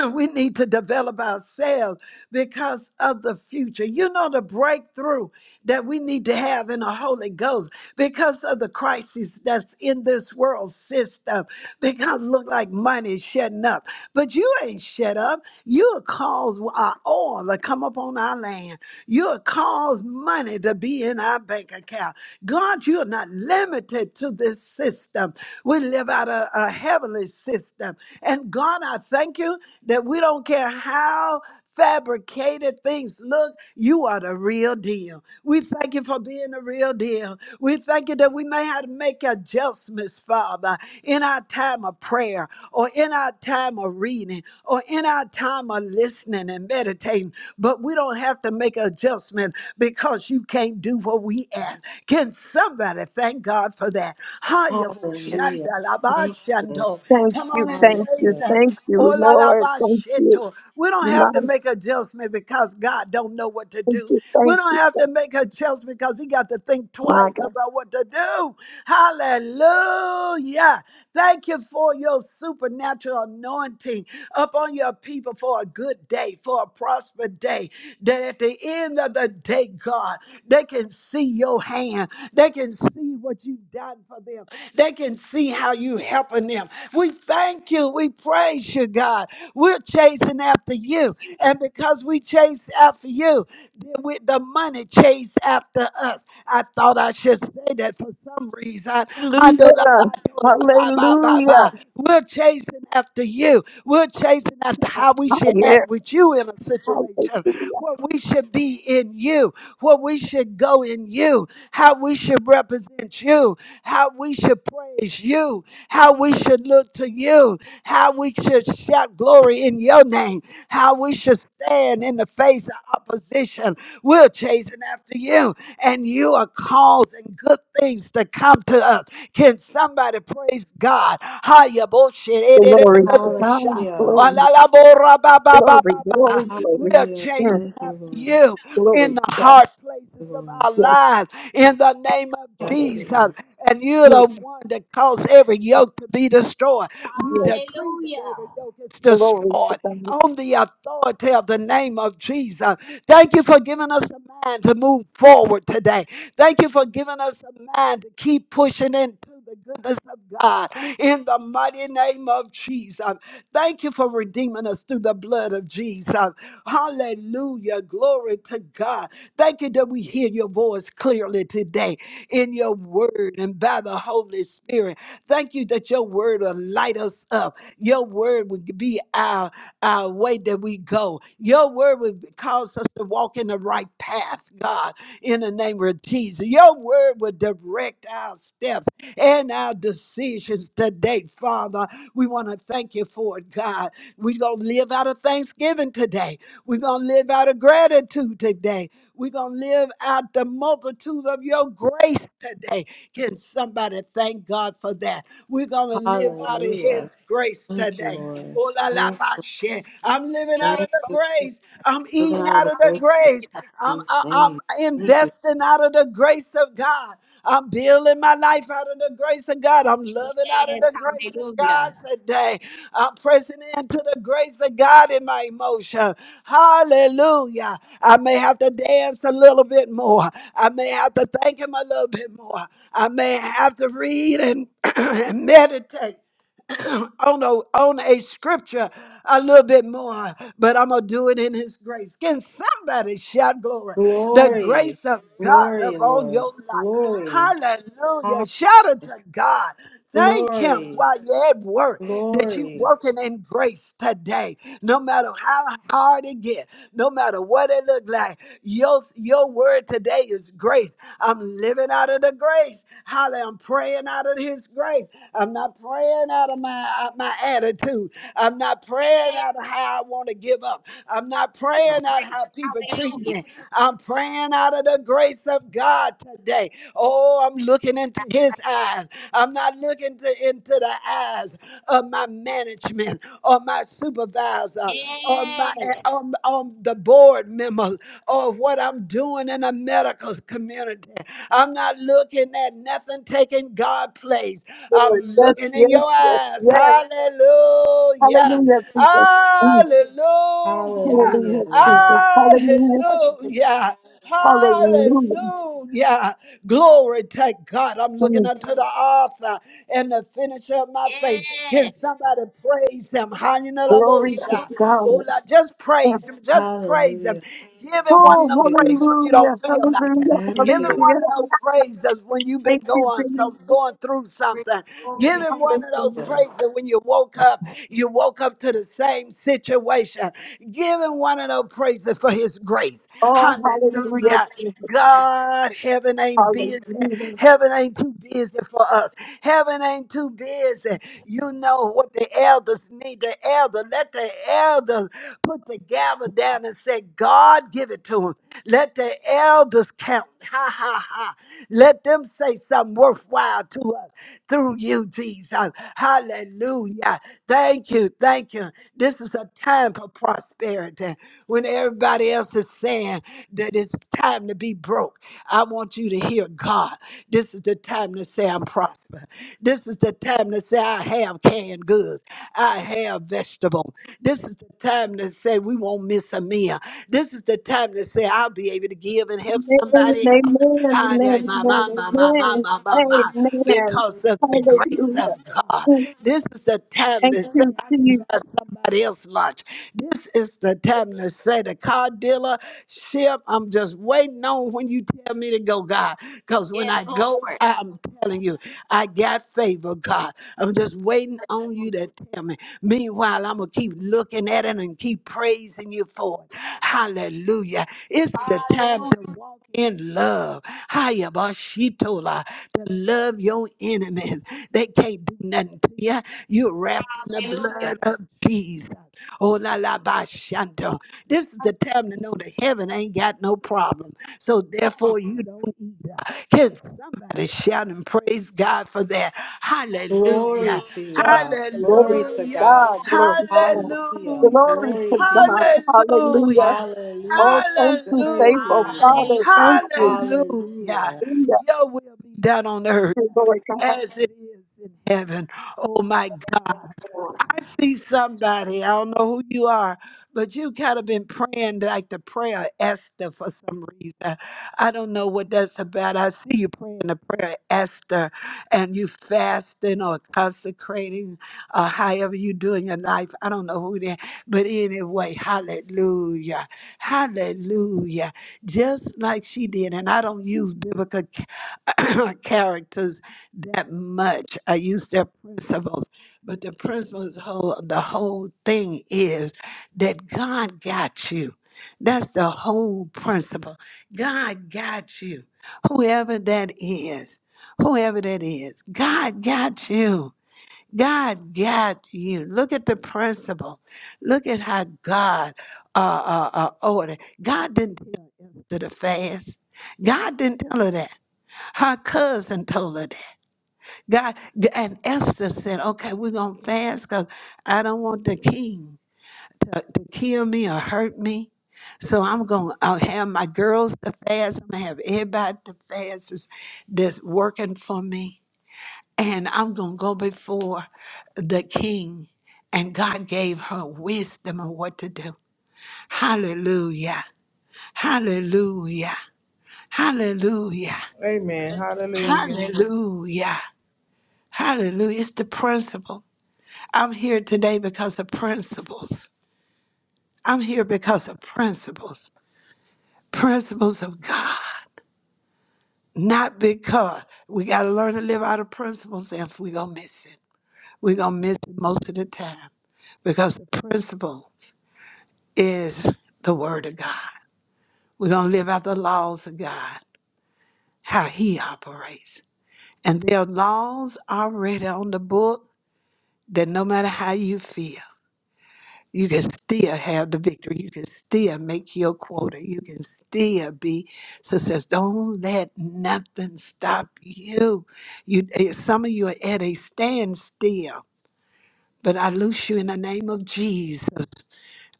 A: we need to develop ourselves because of the future. You know, the breakthrough that we need to have in the Holy Ghost because of the crisis that's in this world system, because it look like money is shutting up. But you ain't shut up. You'll cause our oil to come up on our land. You'll cause money to be in our bank account. God, you're not limited to this system. We live out of a heavenly system. And God, I thank you that we don't care how fabricated things look, you are the real deal. We thank you for being the real deal. We thank you that we may have to make adjustments, Father, in our time of prayer or in our time of reading or in our time of listening and meditating. But we don't have to make adjustment because you can't do what we ask. Can somebody thank God for that? Come
C: Hallelujah. Thank you.
B: Thank you,
A: on and
B: thank you,
C: Hallelujah.
B: thank you,
A: Ola
B: Lord. Thank you,
A: we don't
B: my,
A: have to make adjustment because God don't know what to do.
B: thank you,
A: We
B: thank
A: don't
B: you,
A: have to make a judgment because he got to think
B: my
A: twice
B: God.
A: about what to do. Hallelujah. Thank you for your supernatural anointing upon your people for a good day, for a prosperous day. That at the end of the day, God, they can see your hand. They can see what you've done for them. They can see how you helping them. We thank you. We praise you, God. We're chasing after you. And because we chase after you. Then with the money chased after us. I thought I should say that for some reason. I, I don't know.
B: Hallelujah.
A: Bye, bye, bye,
B: Hallelujah.
A: bye. We're chasing after you. We're chasing after how we should act
B: Hallelujah.
A: with you in a situation
B: Hallelujah.
A: what we should be in you, what we should go in you, how we should represent you, how we should praise you, how we should look to you, how we should shout glory in your name, how we should stand in the face of opposition. We're chasing after you, and you are causing good things to come to us. Can somebody praise God? Hiya, bullshit.
B: Glory to God.
C: Hallelujah.
B: Glory,
C: Thank,
B: glory, glory,
A: We
B: glory.
A: are
C: hallelujah.
A: chasing
B: Yes,
C: Thank you,
A: up to
C: Lord. Thank
A: you
B: glory
A: in the
B: to God.
A: hard places
C: you,
A: of
C: Lord.
A: our
B: Yes,
A: lives in the name of
C: Yes,
A: Jesus.
C: Lord.
A: And you're
B: yes,
A: the one that caused every yoke to be destroyed. We
B: yes.
A: decree that every
E: Hallelujah.
A: yoke is
B: Glory to
A: destroyed
B: God.
A: on the authority of the name of Jesus. Thank you for giving us a mind to move forward today. Thank you for giving us a mind to keep pushing into the goodness of God in the mighty name of Jesus. Thank you for redeeming us through the blood of Jesus. Hallelujah. Glory to God. Thank you that we hear your voice clearly today in your word and by the Holy Spirit. Thank you that your word will light us up. Your word will be our, our way that we go. Your word will cause us to walk in the right path, God, in the name of Jesus. Your word will direct our steps and our decisions today, Father. We want to thank you for it, God. We're going to live out of thanksgiving today. We're going to live out of gratitude today. We're going to live out the multitude of your grace today. Can somebody thank God for that? We're going to live out of
C: Hallelujah.
A: his grace
C: Thank you,
A: today.
C: Lord.
A: Oh, la, la,
C: Thank,
A: ba, she. I'm living out
E: Amen.
C: thank
A: of the
C: you for
A: grace. I'm
C: living
A: eating
C: out of
A: out
C: the
A: of the
C: grace of
A: grace. I'm,
C: Jesus'
A: I- I'm
C: name. Thank you.
A: investing out of the grace of God. I'm building my life out of the grace of God. I'm loving out of
E: Yes,
A: the grace of
E: hallelujah.
A: God today. I'm pressing into the grace of God in my emotion. Hallelujah. I may have to dance a little bit more. I may have to thank him a little bit more. I may have to read and, and meditate on a, on a scripture a little bit more, but I'm going to do it in His grace. Can somebody shout glory? The
C: Glory,
A: grace of God
C: glory,
A: upon
C: Lord,
A: your life.
C: glory,
A: Hallelujah.
C: hall-
A: Shout it to God. Thank Him
C: glory,
A: while you're at work that you're
C: glory,
A: working in grace today. No matter how hard it gets, no matter what it look like, your, your word today is grace. I'm living out of the grace. Hallelujah. I'm praying out of His grace. I'm not praying out of my out my attitude. I'm not praying
E: Yes,
A: out of how I want to give up. I'm not praying out how people treat
E: hallelujah.
A: me. I'm praying out of the grace of God today. Oh, I'm looking into His eyes. I'm not looking to, into the eyes of my management or my supervisor or my
E: Yes,
A: on, on the board members or what I'm doing in the medical community. I'm not looking at nothing taking God place. I'm
B: Lord, yes,
A: looking in
B: yes,
A: your
B: yes,
A: eyes.
B: yes.
A: Hallelujah.
B: Hallelujah, Jesus. Mm,
A: Hallelujah.
C: hallelujah,
B: Hallelujah, Jesus.
C: Lord,
B: Hallelujah, Jesus.
A: Hallelujah.
B: Hallelujah.
A: Hallelujah. Glory to God. I'm looking
B: Mm,
A: unto the author and the finisher of my faith. Can somebody praise him?
B: Glory to
A: Hallelujah.
B: God.
A: Oh, Lord, just
B: Mm,
A: praise him. Just praise him.
C: hallelujah.
A: Give him
C: Thank
A: one of
B: Oh,
A: them
C: you,
A: praise when you
B: hallelujah,
A: don't feel
B: hallelujah,
E: yes.
C: thank
A: Giving
C: you.
A: one of
B: hallelujah.
A: those praises when you've been
B: Thank you,
A: going so
B: Jesus.
A: going through something. Give
E: Glory.
A: him one of
B: Hallelujah.
A: those
C: Lord.
A: praises when you woke up, you woke up to the same situation. Give him one of those praises for his grace.
B: Oh, hallelujah,
A: Hallelujah.
B: Jesus.
A: God, heaven ain't big. busy.
B: Hallelujah.
A: Heaven ain't too busy for us. Heaven ain't too busy. You know what the elders need. The elder, let the elders put the gavel down and say, God, give it to them. Let the elders count. Ha ha ha. Let them say something worthwhile to us through you, Jesus. Hallelujah. Thank you. Thank you. This is a time for prosperity when everybody else is saying that it's time to be broke. I want you to hear God. This is the time to say I'm prospering. This is the time to say I have canned goods. I have vegetables. This is the time to say we won't miss a meal. This is the time to say I'll be able to give and help.
B: Amen, amen, amen,
A: My, my,
B: amen,
A: my, my, my, my, my,
B: amen.
A: because of the
B: Hallelujah.
A: God.
B: Mm,
A: This is the time
B: Thank
A: to
B: you, Jesus.
A: somebody else's lunch. This is the time to say the car dealer, Ship, I'm just waiting on when you tell me to go, God. Because when
E: Yes,
A: I go,
E: Lord.
A: I'm telling you, I got favor, God. I'm just waiting on you to tell me. Meanwhile, I'm going to keep looking at it and keep praising you for it. Hallelujah. It's the time
E: Hallelujah.
A: to walk in love. Hayabashitola. To love your enemies. They can't do nothing to you. You are wrapped in the
E: Hallelujah.
A: blood of Jesus. Oh, la la ba shando. This is the time to know that heaven ain't got no problem. So therefore, you don't either. Can somebody shout and praise God for that? Hallelujah.
C: Glory to you,
B: God,
C: God,
A: Hallelujah.
B: glory
C: glory
B: to
C: to God,
B: God, glory to God.
C: hallelujah,
A: Hallelujah.
B: Glory
C: glory
B: to
C: to you,
B: God.
A: Hallelujah.
B: Hallelujah.
C: hallelujah,
B: Oh, thank you,
C: glory
A: Hallelujah.
C: to
B: faithful
C: you, God,
B: Father.
E: Hallelujah.
B: Thank you.
A: Hallelujah.
C: hallelujah.
B: Hallelujah,
A: Will be done on earth
B: Lord God.
A: as it is in heaven. Oh my God. I see somebody, I don't know who you are, but you kind of been praying like the prayer of Esther for some reason. I don't know what that's about. I see you praying the prayer of Esther and you fasting or consecrating or however you do in your life. I don't know who that, but anyway, hallelujah. Hallelujah. Just like she did. And I don't use biblical characters that much. I use their principles, but the principles whole the whole thing is that God got you. That's the whole principle. God got you. Whoever that is, whoever that is, God got you. God got you. Look at the principle. Look at how God uh, uh, uh, ordered. God didn't tell Esther to fast. God didn't tell her that. Her cousin told her that. God and Esther said, "Okay, we're gonna fast because I don't want the king to kill me or hurt me. So I'm gonna I'll have my girls to fast. I'm gonna have everybody to fast that's, that's working for me." and I'm going to go before the king. And God gave her wisdom of what to do. Hallelujah. Hallelujah. Hallelujah.
F: Amen. Hallelujah.
A: Hallelujah. Hallelujah. It's the principle. I'm here today because of principles. I'm here because of principles. Principles of God. Not because we got to learn to live out of principles if we're going to miss it. We're going to miss it most of the time because the principles is the Word of God. We're going to live out the laws of God, how He operates. And there are laws already on the book that no matter how you feel, you can still have the victory. You can still make your quota. You can still be success. Don't let nothing stop you. You, eh, some of you are at a standstill, but I loose you in the name of Jesus.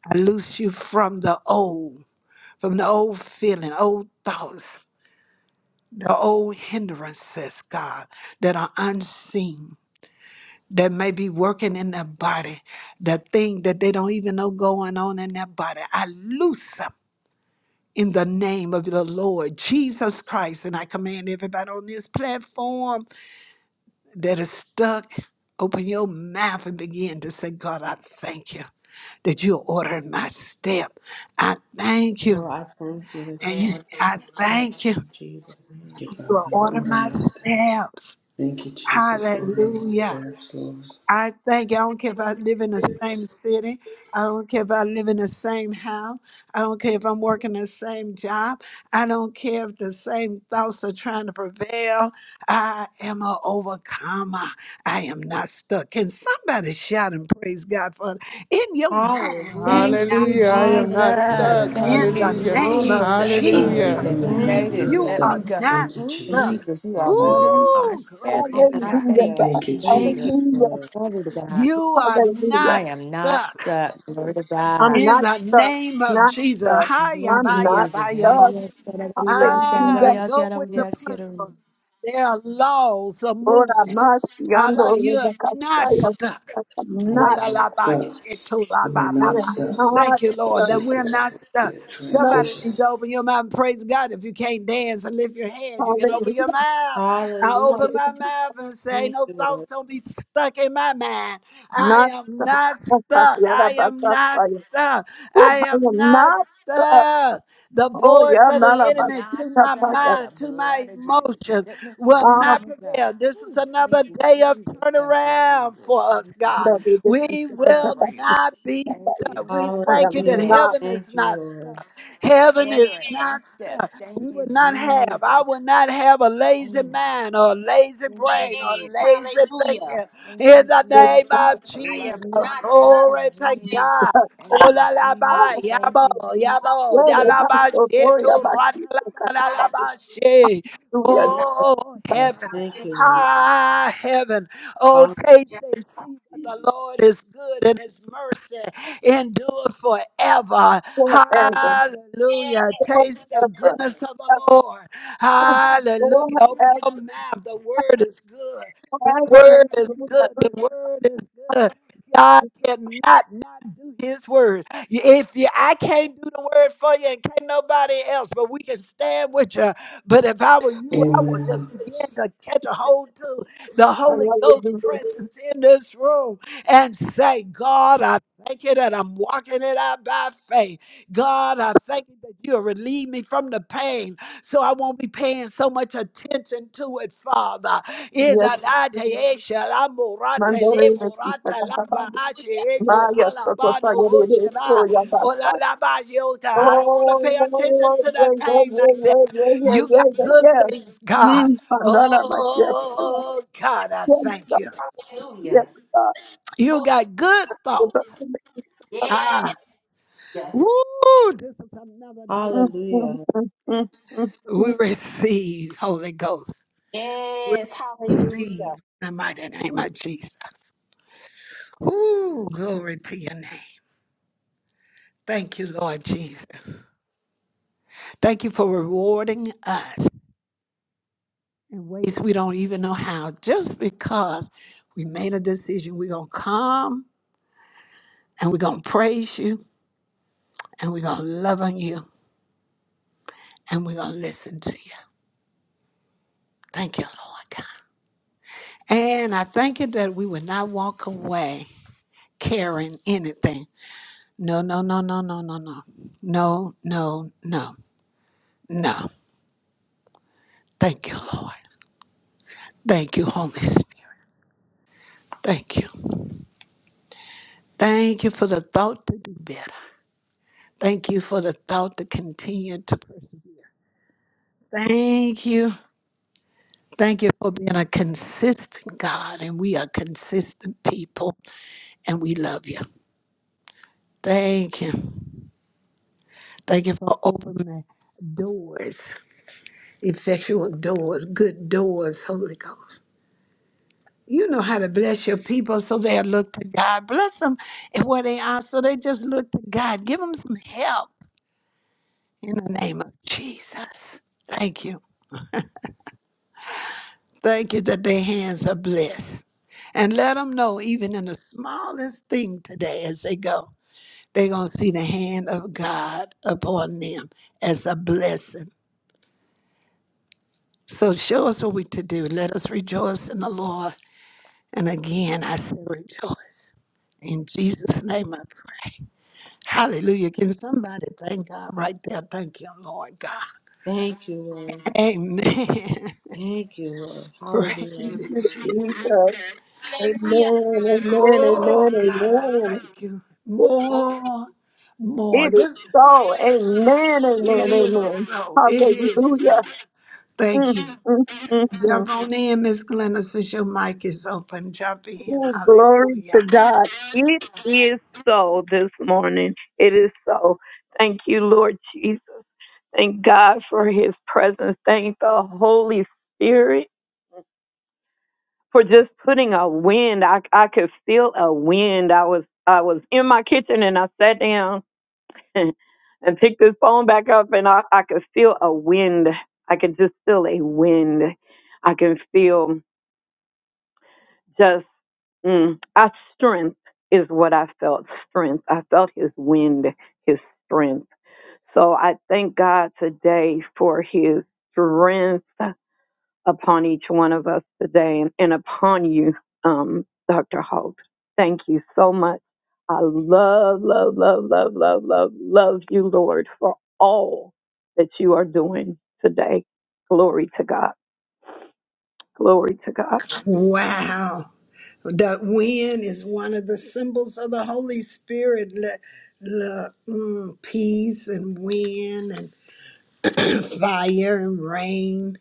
A: I loose you from the old, from the old feeling, old thoughts. the old hindrances, God, that are unseen, that may be working in their body, the thing that they don't even know going on in their body. I loose them in the name of the Lord Jesus Christ. And I command everybody on this platform that is stuck. Open your mouth and begin to say, God, I thank you that you're ordering my step. I thank you.
C: Lord, I thank you
A: And you-
C: for
A: I
C: the
A: thank
C: steps
A: you.
C: in Jesus' name.
G: Thank you,
A: You are
G: Father.
A: ordering
G: Order
A: my
G: my steps.
A: steps.
G: Thank you, Jesus, for ordering my
A: Hallelujah.
G: steps, Lord.
A: I thank you. I don't care if I live in the same city. I don't care if I live in the same house. I don't care if I'm working the same job. I don't care if the same thoughts are trying to prevail. I am a overcomer. I am not stuck. Can somebody shout and praise God for it? in your mind? You
C: Hallelujah,
H: Thank
A: not
H: you,
F: Hallelujah. I
A: stuck.
F: am not
C: hallelujah.
H: Jesus.
F: stuck.
H: Thank
A: In
G: Hallelujah,
H: you,
A: the
G: Lord.
F: Hallelujah.
A: name of
H: Jesus,
C: Hallelujah.
A: Jesus,
F: Hallelujah.
H: that you
G: Hallelujah. I
H: made
C: Thank
G: am
C: you,
H: it.
G: not
A: you
H: Let me
A: are
C: Lord.
G: stuck.
H: go.
A: not
G: Thank you,
H: Ooh,
A: stuck.
C: Thank
G: Jesus.
H: Jesus,
C: you,
H: you are
C: Lord.
H: ordering
G: Hallelujah.
H: our
A: Ooh,
H: steps,
A: glory.
H: and I
B: Hallelujah,
H: thank you,
C: Hallelujah.
B: God.
G: Thank you,
C: Thank you,
G: Jesus.
H: Jesus.
B: Hallelujah.
C: Lord.
H: Glory to God.
A: You are
B: Hallelujah.
H: I
A: not
H: am not
A: stuck
H: stuck. Glory to
B: I'm
H: God.
B: not
A: the
B: stuck,
A: name of
B: not
A: Jesus.
B: stuck.
A: Hiya,
H: Thank you,
B: I'm
A: baya,
B: not
H: Jesus.
A: baya, ba.
B: stuck.
A: Ah,
B: Hallelujah.
A: go with the principle. There are laws of
B: Lord,
A: move.
B: I'm not
A: Allah
B: yonder. Rebekah.
A: not
B: I'm
A: Oh,
G: I'm
B: not,
A: la,
G: not
A: la, ba,
G: stuck.
A: shit, to, la,
G: We are
A: ba,
B: I
A: ba,
G: not
A: ba.
B: am
G: stuck.
B: not
A: Dear Lord,
B: stuck,
A: that
G: So
A: we're
G: good.
A: not stuck.
G: Yeah,
B: not,
A: Somebody
G: Transition.
A: needs to open your mouth and praise God. If you can't dance and lift your hands, you. your
B: hallelujah,
A: mouth. I
C: Hallelujah.
A: open my
B: hallelujah,
A: mouth and say,
C: Thank
A: No
C: you,
A: thoughts
C: Lord.
A: don't be stuck in my mind. I
B: not
A: am not
B: stuck.
A: stuck. I am not
B: Yarabasakaya.
A: stuck.
B: Oh,
A: I
B: I
A: am
B: am
A: not
B: not stuck.
A: stuck. The
B: Oh,
A: voice
B: yeah,
H: I am not
A: to my
H: stuck.
B: Nalabasakaya.
H: The
A: mind, to my
H: blood of Jesus. Ma-
A: emotions
H: Let listen,
A: will
H: man,
B: Ah,
H: let
A: not
H: me
A: prevail.
H: go.
A: This is
H: Ooh,
A: another
H: thank you,
A: day of
H: Jesus. Thank you,
A: turnaround for
H: Jesus.
A: us,
H: Thank you,
A: God.
B: David,
H: Jesus,
B: this
H: for the
A: We
B: the
A: will
H: turnaround.
A: not be
H: Thank
B: baby,
H: you,
A: we
B: I
H: Jesus,
A: thank you that
B: am
C: Hallelujah.
B: not
A: heaven is
C: Thank you,
A: not
C: Lord.
A: stuck.
H: for
A: Heaven is
H: ordering my
A: not
E: Yes.
A: stuck.
H: steps.
A: We
H: Thank you,
A: will not have, I
H: Jesus.
A: will not have a lazy
H: Mm.
A: mind or a lazy
H: Thank you,
A: brain or
E: Yes.
H: Jesus.
A: lazy
E: Hallelujah.
A: thinking.
H: Thank
A: In
H: you,
A: the name
H: Jesus, for
A: of
E: I am
A: Jesus,
E: not
H: alertness. Thank
E: stuck.
H: you,
A: glory to
H: Jesus.
A: God.
B: stuck.
H: Thank you,
A: Ola la
B: I
A: ba
H: Jesus. Thank
A: yabo
H: you, Jesus.
A: yabo
B: Lord, I'm
A: yalaba
B: so sorry
A: shetu
B: about you.
A: ratalaba
B: I'm so
E: I
B: sorry.
A: lalaba she.
B: Yes,
E: am not.
A: Oh
C: Hallelujah.
A: heaven,
C: Thank you, Lord.
E: Hallelujah.
A: high heaven. Oh
C: Hall-
A: taste and see that the Lord is good and His mercy endure forever.
B: forever and
E: Yes.
A: Hallelujah.
B: ever.
A: Taste the
B: Forever,
A: goodness of the Lord. Hallelujah.
B: forever
A: Open your mouth. The word is good. The
B: and
A: word is good.
B: ever.
A: The word is good. God cannot not do his word. You- If you, I can't do the word for you and can't nobody else, but we can stand with you. But if I were you, I would just
G: Amen.
A: begin to catch a hold to the
B: I
A: Holy
B: love
A: Ghost
B: you,
A: presence in this room and say, God, I thank you that I'm walking it out by faith. God, I thank you that you'll relieve me from the pain so I won't be paying so much attention to it, Father. In the
B: yes.
A: name of Yeshua, la
B: My
A: morata, le
B: darling, yes.
A: morata, la ache, echo,
B: My
A: la
B: yes, so
A: bado,
B: sorry. Yes,
A: la,
B: oh yeah, yeah,
A: la, la, ba, yota. I don't want to pay attention.
B: yeah, yeah, yeah, yeah,
A: to
B: yeah,
A: Good things,
B: yeah.
A: God.
B: Hmm, I'm gonna miss you.
A: Oh, God, I thank
B: Yes,
A: you.
B: yes,
E: Hallelujah.
A: You got good thoughts.
B: yes, yes.
E: Yes.
A: Ah. Woo! This is another day.
B: amen, amen,
C: Hallelujah.
A: We
B: amen.
A: receive, Holy Ghost. We
E: Yes. Hallelujah.
A: receive in the mighty name of Jesus. Woo! Glory to your name. Thank you, Lord Jesus. Thank you for rewarding us in ways we don't even know how. Just because we made a decision, we're going to come and we're going to praise you and we're going to love on you and we're going to listen to you. Thank you, Lord God. And I thank you that we will not walk away carrying anything. No, no, no, no, no, no, no. No, no, no, no. Thank you, Lord. Thank you, Holy Spirit. Thank you. Thank you for the thought to do better. Thank you for the thought to continue to persevere. Thank you. Thank you for being a consistent God, and we are consistent people, and we love you. Thank you. Thank you for opening doors, effectual doors, good doors, Holy Ghost. you know how to bless your people so they look to God. Bless them and where they are so they just look to God. Give them some help in the name of Jesus. Thank you. Thank you that their hands are blessed. And let them know, even in the smallest thing today as they go, they're going to see the hand of God upon them as a blessing. So show us what we to do. Let us rejoice in the Lord. And again, I say rejoice. In Jesus' name I pray. Hallelujah. Can somebody thank God right there? Thank you, Lord God.
C: Thank you, Lord.
A: Amen.
C: Thank you, Lord.
A: Praise
C: Hallelujah.
A: it.
E: Hallelujah.
A: Oh, thank you. More, more.
B: It
A: Just
B: is so. Amen, amen, amen.
A: So, it,
B: Hallelujah. Mm,
A: thank you.
B: mm, mm, mm.
A: Jump on in, Miss Glenna, since your mic is open. Jump in.
B: Oh, glory to God. It is so this morning. It is so. Thank you, Lord Jesus. Thank God for his presence. Thank the Holy Spirit. for just putting a wind. I I could feel a wind. I was I was in my kitchen and I sat down and, picked this phone back up and I, I could feel a wind. I could just feel a wind. I can feel just mm, I strength is what I felt. Strength. I felt his wind, his strength. So I thank God today for his strength. upon each one of us today and, and upon you, um, Dr. Holt. Thank you so much. I love, love, love, love, love, love, love you, Lord, for all that you are doing today. Glory to God. Glory to God.
A: Wow. The wind is one of the symbols of the Holy Spirit. Look, look mm, peace and wind and fire and rain.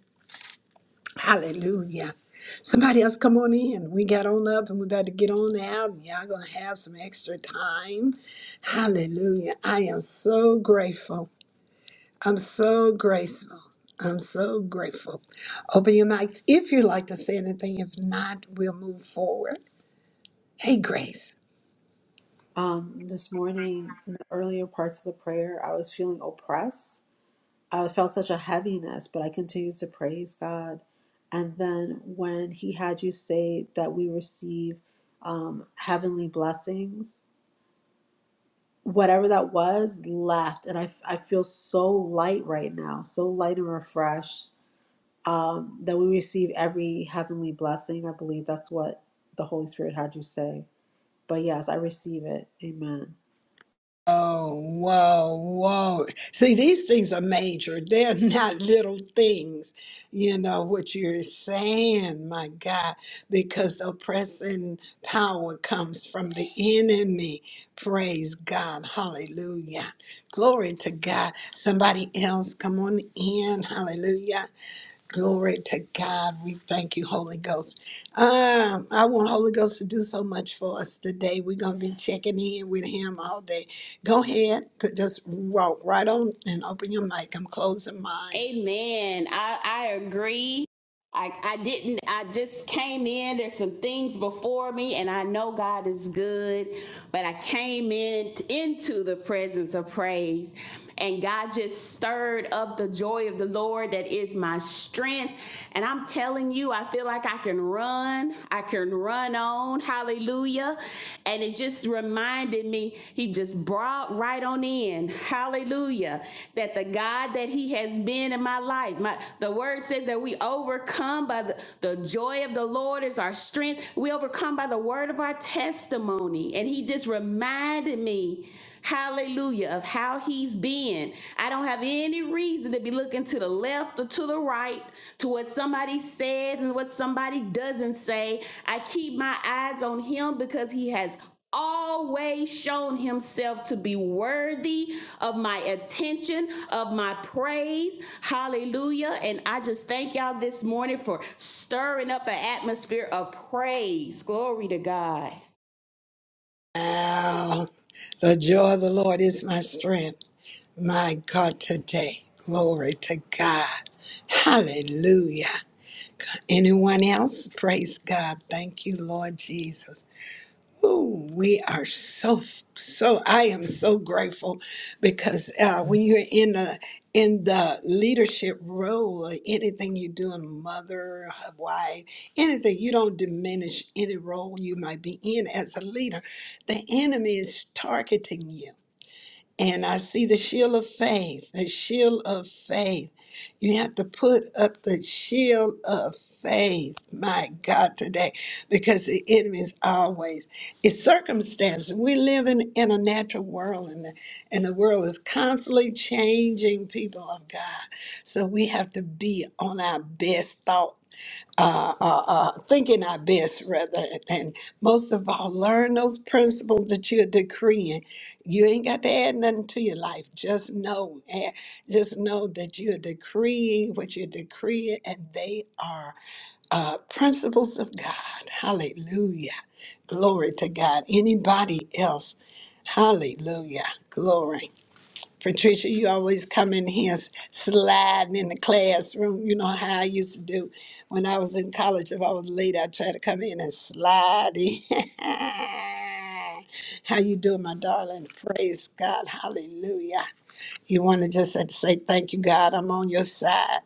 A: Hallelujah. Somebody else come on in. We got on up and we about to get on out. And y'all gonna have some extra time. Hallelujah. I am so grateful. I'm so grateful. I'm so grateful. Open your mics if you'd like to say anything. If not, we'll move forward. Hey Grace.
C: Um, this morning, in the earlier parts of the prayer, I was feeling oppressed I felt such a heaviness, but I continued to praise God. And then when He had you say that we receive um, heavenly blessings, whatever that was left. And I, I feel so light right now, so light and refreshed um, that we receive every heavenly blessing. I believe that's what the Holy Spirit had you say. But yes, I receive it. Amen.
A: Oh, whoa, whoa. See, these things are major. They're not little things, you know, what you're saying, my God, because the oppressing power comes from the enemy. Praise God. Hallelujah. Glory to God. Somebody else, come on in. Hallelujah. Glory to God. We thank you, Holy Ghost. Um, I want Holy Ghost to do so much for us today. We're going to be checking in with him all day. Go ahead. Could Just walk right on and open your mic. I'm closing my eyes.
E: Amen. I, I agree. I, I didn't, I just came in. There's some things before me, and I know God is good, but I came in into the presence of praise, and God just stirred up the joy of the Lord that is my strength. And I'm telling you, I feel like I can run, I can run on. Hallelujah. And it just reminded reminded me, he just brought right on in, hallelujah, that the God that he has been in my life, my the word says that we overcome by the, the joy of the Lord is our strength. We overcome by the word of our testimony. And he just reminded me, hallelujah, of how he's been. I don't have any reason to be looking to the left or to the right, to what somebody says and what somebody doesn't say. I keep my eyes on him because he has always shown himself to be worthy of my attention, of my praise. Hallelujah. And I just thank y'all this morning for stirring up an atmosphere of praise. Glory to God.
A: Wow. The joy of the Lord is my strength. My God, today. Glory to God. Hallelujah. Anyone else? Praise God. Thank you, Lord Jesus. Ooh, we are so so. I am so grateful because uh, when you're in the in the leadership role, or anything you do, a mother, a wife, anything, you don't diminish any role you might be in as a leader. The enemy is targeting you and I see the shield of faith, the shield of faith. You have to put up the shield of faith, my God, today, because the enemy is always, it's circumstances. We live in, in a natural world, and the, and the world is constantly changing people of God. So we have to be on our best thought uh, uh, uh, thinking our best rather and most of all learn those principles that you're decreeing you ain't got to add nothing to your life just know eh, just know that you're decreeing what you're decreeing and they are uh, principles of god hallelujah glory to god anybody else hallelujah glory Patricia, you always come in here sliding in the classroom. You know how I used to do when I was in college. If I was late, I tried to come in and slide in. how you doing, my darling? Praise God. Hallelujah. You want to just uh, say, Thank you, God, I'm on your side.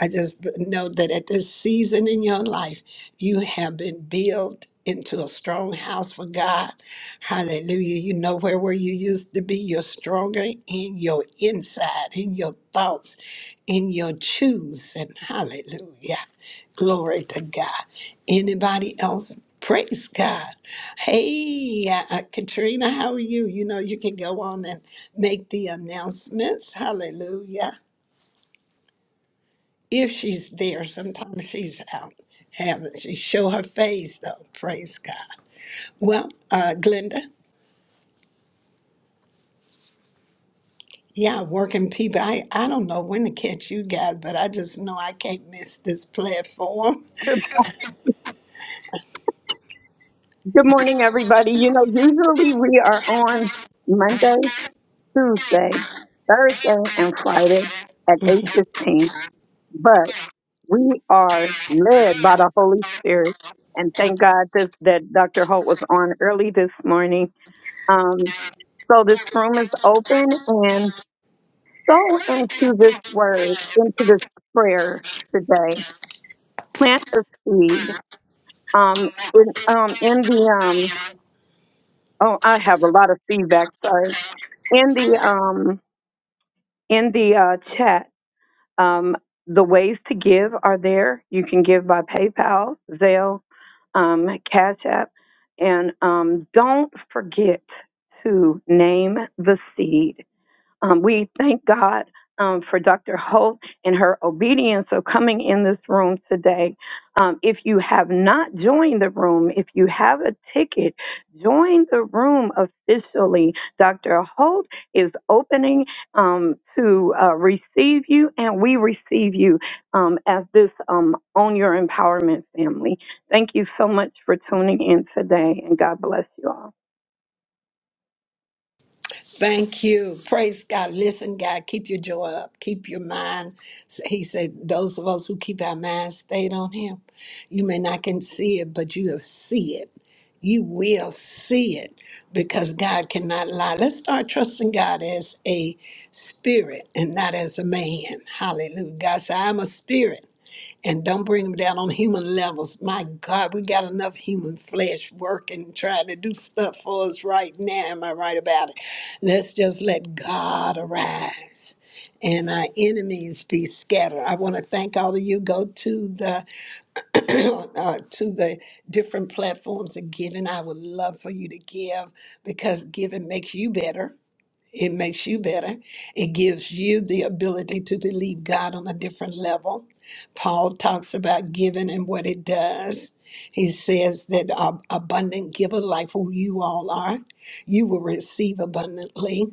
A: I just know that at this season in your life, you have been built into a strong house for God. Hallelujah. You know where where you used to be, you're stronger in your inside, in your thoughts, in your choosing. Hallelujah. Glory to God. Anybody else? Praise God. Hey, uh, uh, Katrina, how are you? You know, you can go on and make the announcements. Hallelujah. If she's there, sometimes she's out. Having she show her face though. Praise God. Well, uh, Glenda, yeah, working people. I, I don't know when to catch you guys, but I just know I can't miss this platform.
B: Good, good morning, everybody. You know, usually we are on Monday, Tuesday, Thursday, and Friday at 8.15, but. We are led by the Holy Spirit. And thank God this, that Dr. Holt was on early this morning. Um, so this room is open and sow into this word, into this prayer today. Plant a seed. Um, in, um, in the, um, oh, I have a lot of feedback, sorry. In the, um, in the uh, chat, Um, the ways to give are there. You can give by PayPal, Zelle, um, Cash App, and um, don't forget to name the seed um, we thank God um, for Dr. Holt and her obedience of coming in this room today. Um, if you have not joined the room, if you have a ticket, join the room officially. Dr. Holt is opening um, to uh, receive you, and we receive you um, as this um, Own Your Empowerment family. Thank you so much for tuning in today, and God bless you all.
A: Thank you. Praise God. Listen, God, keep your joy up. Keep your mind. He said, Those of us who keep our minds stayed on Him, you may not can see it, but you have see it. You will see it because God cannot lie. Let's start trusting God as a spirit and not as a man. Hallelujah. God said, I'm a spirit and don't bring them down on human levels. My God, we got enough human flesh working, trying to do stuff for us right now. Am I right about it? Let's just let God arise and our enemies be scattered. I want to thank all of you. Go to the uh, to the different platforms of giving. I would love for you to give because giving makes you better. It makes you better. It gives you the ability to believe God on a different level. Paul talks about giving and what it does. He says that uh, abundant giver, like who you all are, you will receive abundantly.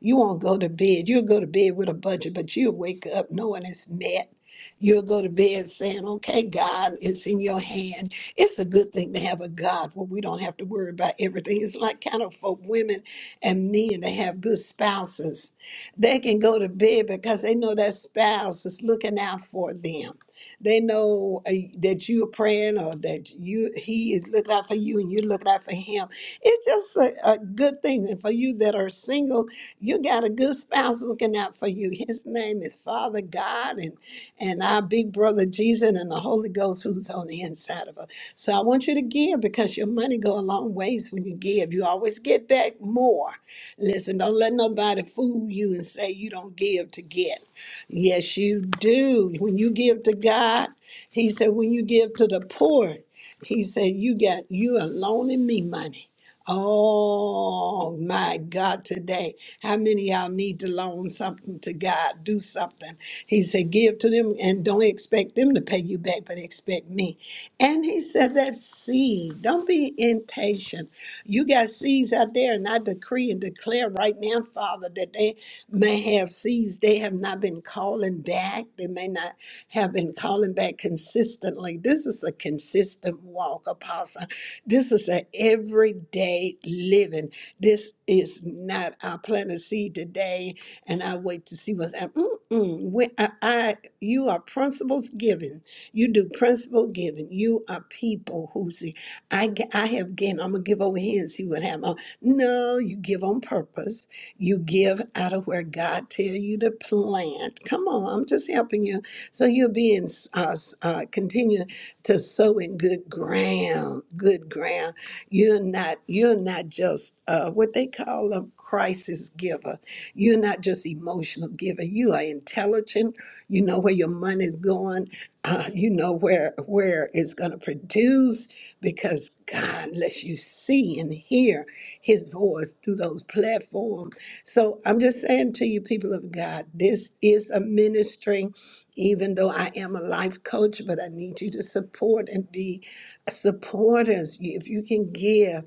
A: You won't go to bed. You'll go to bed with a budget, but you'll wake up knowing it's met. You'll go to bed saying, Okay, God, it's in your hand. It's a good thing to have a God where we don't have to worry about everything. It's like kind of for women and men that have good spouses, they can go to bed because they know that spouse is looking out for them. They know uh, that you're praying or that you he is looking out for you and you're looking out for him. It's just a, a good thing. And for you that are single, you got a good spouse looking out for you. His name is Father God and, and our big brother Jesus and the Holy Ghost who's on the inside of us. So I want you to give because your money go a long ways when you give. You always get back more. Listen, don't let nobody fool you and say you don't give to get. Yes, you do. When you give to God, he said, when you give to the poor, he said, you got you are loaning me money. Oh my God, today. How many of y'all need to loan something to God? Do something. He said, give to them and don't expect them to pay you back, but expect me. And he said, That seed, don't be impatient. You got seeds out there, and I decree and declare right now, Father, that they may have seeds. They have not been calling back. They may not have been calling back consistently. This is a consistent walk, Apostle. This is an everyday living. This is not, I plant a seed today, and I wait to see what's happening. Mm-mm. When I, I, you are principles given you do principal giving. You are people who see, I, g- I have given. I'm going to give over here and see what happens. No, you give on purpose. You give out of where God tell you to plant. Come on, I'm just helping you. So you're being, uh, uh, continue to sow in good ground, good ground. You're not, you're not just uh, what they call a crisis giver. You're not just emotional giver. You are intelligent. You know where your money's going uh, you know where where it's going to produce because god lets you see and hear his voice through those platforms so i'm just saying to you people of god this is a ministry even though i am a life coach but i need you to support and be supporters You- if you can give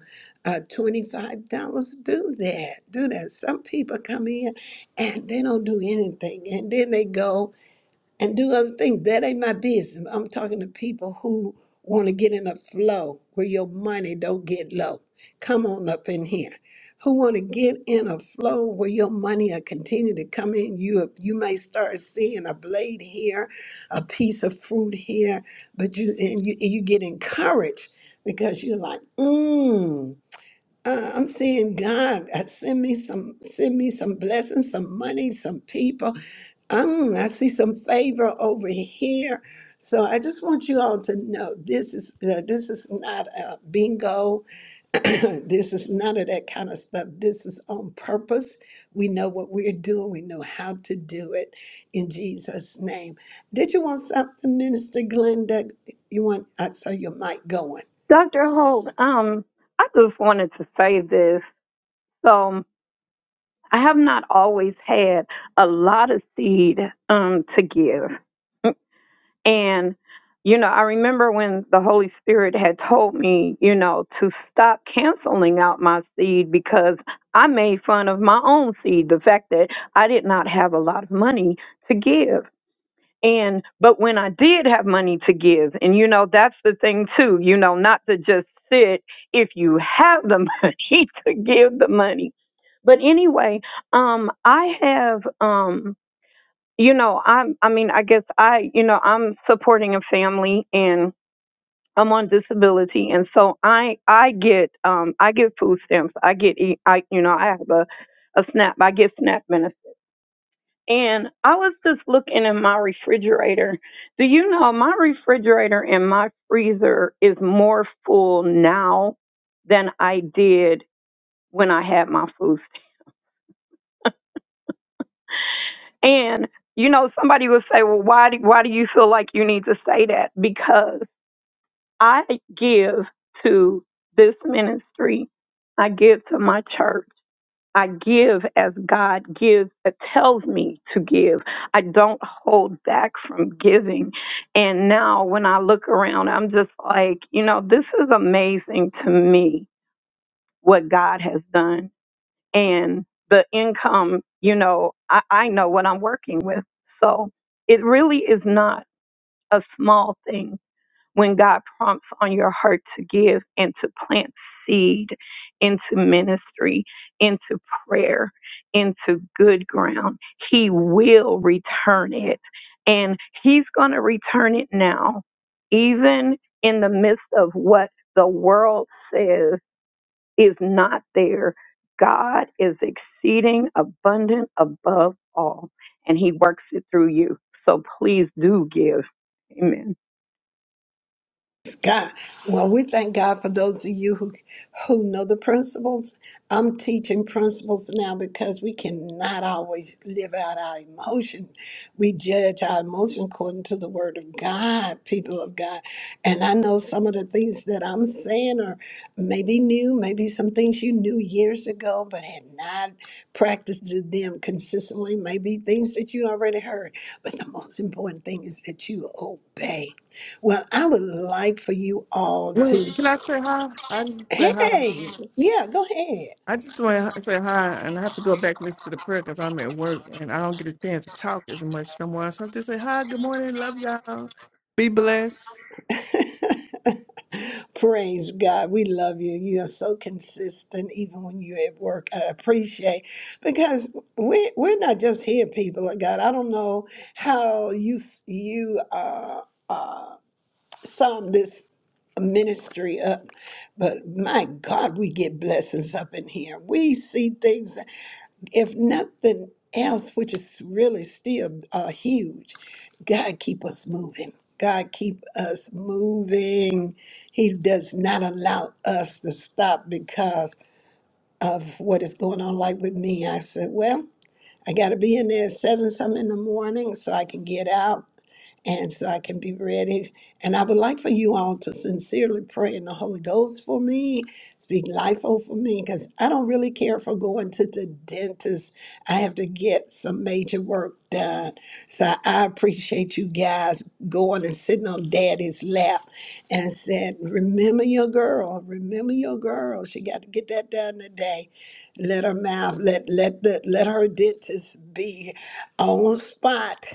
A: uh, $25 do that do that some people come in and they don't do anything and then they go and do other things. That ain't my business. I'm talking to people who want to get in a flow where your money don't get low. Come on up in here. Who want to get in a flow where your money will continue to come in? You you may start seeing a blade here, a piece of fruit here, but you and you you get encouraged because you're like, mmm. Uh, I'm seeing God uh, send me some send me some blessings, some money, some people. Mm, I see some favor over here. So I just want you all to know this is uh, this is not a bingo. this is none of that kind of stuff. This is on purpose. We know what we're doing. We know how to do it in Jesus' name. Did you want something, Minister Glenda? You want? I saw your mic going.
B: Dr. Holt, um, I just wanted to say this. So um, I have not always had a lot of seed um, to give. And, you know, I remember when the Holy Spirit had told me, you know, to stop canceling out my seed because I made fun of my own seed, the fact that I did not have a lot of money to give. And but when I did have money to give, and you know that's the thing too, you know, not to just sit if you have the money to give the money. But anyway, um I have um you know, I'm I mean, I guess I, you know, I'm supporting a family and I'm on disability and so I I get um I get food stamps. I get E- I you know, I have a a SNAP. I get SNAP and I was just looking in my refrigerator. Do you know my refrigerator and my freezer is more full now than I did when I had my food. And you know, somebody would say, "Well, why do why do you feel like you need to say that?" Because I give to this ministry. I give to my church. I give as God gives, uh, tells me to give. I don't hold back from giving. And now when I look around, I'm just like, you know, this is amazing to me what God has done. And the income, you know, I, I know what I'm working with. So it really is not a small thing when God prompts on your heart to give and to plant seed into ministry, into prayer, into good ground, He will return it. And He's going to return it now, even in the midst of what the world says is not there. God is exceeding abundant above all, and He works it through you. So please do give. Amen.
A: God. well, we thank God for those of you who who know the principles. I'm teaching principles now because we cannot always live out our emotion. We judge our emotion according to the Word of God, people of God. And I know some of the things that I'm saying are maybe new, maybe some things you knew years ago but had not practiced them consistently. Maybe things that you already heard. But the most important thing is that you obey well, I would like for you all
F: Wait,
A: to,
F: can I say hi? I didn't say hi.
A: hey, yeah, go
F: I just want to say hi, and I have to go back and listen to the prayer because I'm at work and I don't get a chance to talk as much no more. So I just say hi, good morning, love y'all, be blessed.
A: ahead. Praise God. We love you. You are so consistent, even when you're at work. I appreciate because we we're not just here, people of God. I don't know how you you uh, uh, sum this ministry up, but my God, we get blessings up in here. We see things if nothing else, which is really still uh, huge, God keep us moving. God keep us moving. He does not allow us to stop because of what is going on. Like with me, I said, well. I got to be in there at seven some in the morning so I can get out and so I can be ready. And I would like for you all to sincerely pray in the Holy Ghost for me, speak life over me, because I don't really care for going to the dentist. I have to get some major work done. So I appreciate you guys going and sitting on daddy's lap and said, Remember your girl, remember your girl. She got to get that done today let her mouth, let let the let her dentist be on spot.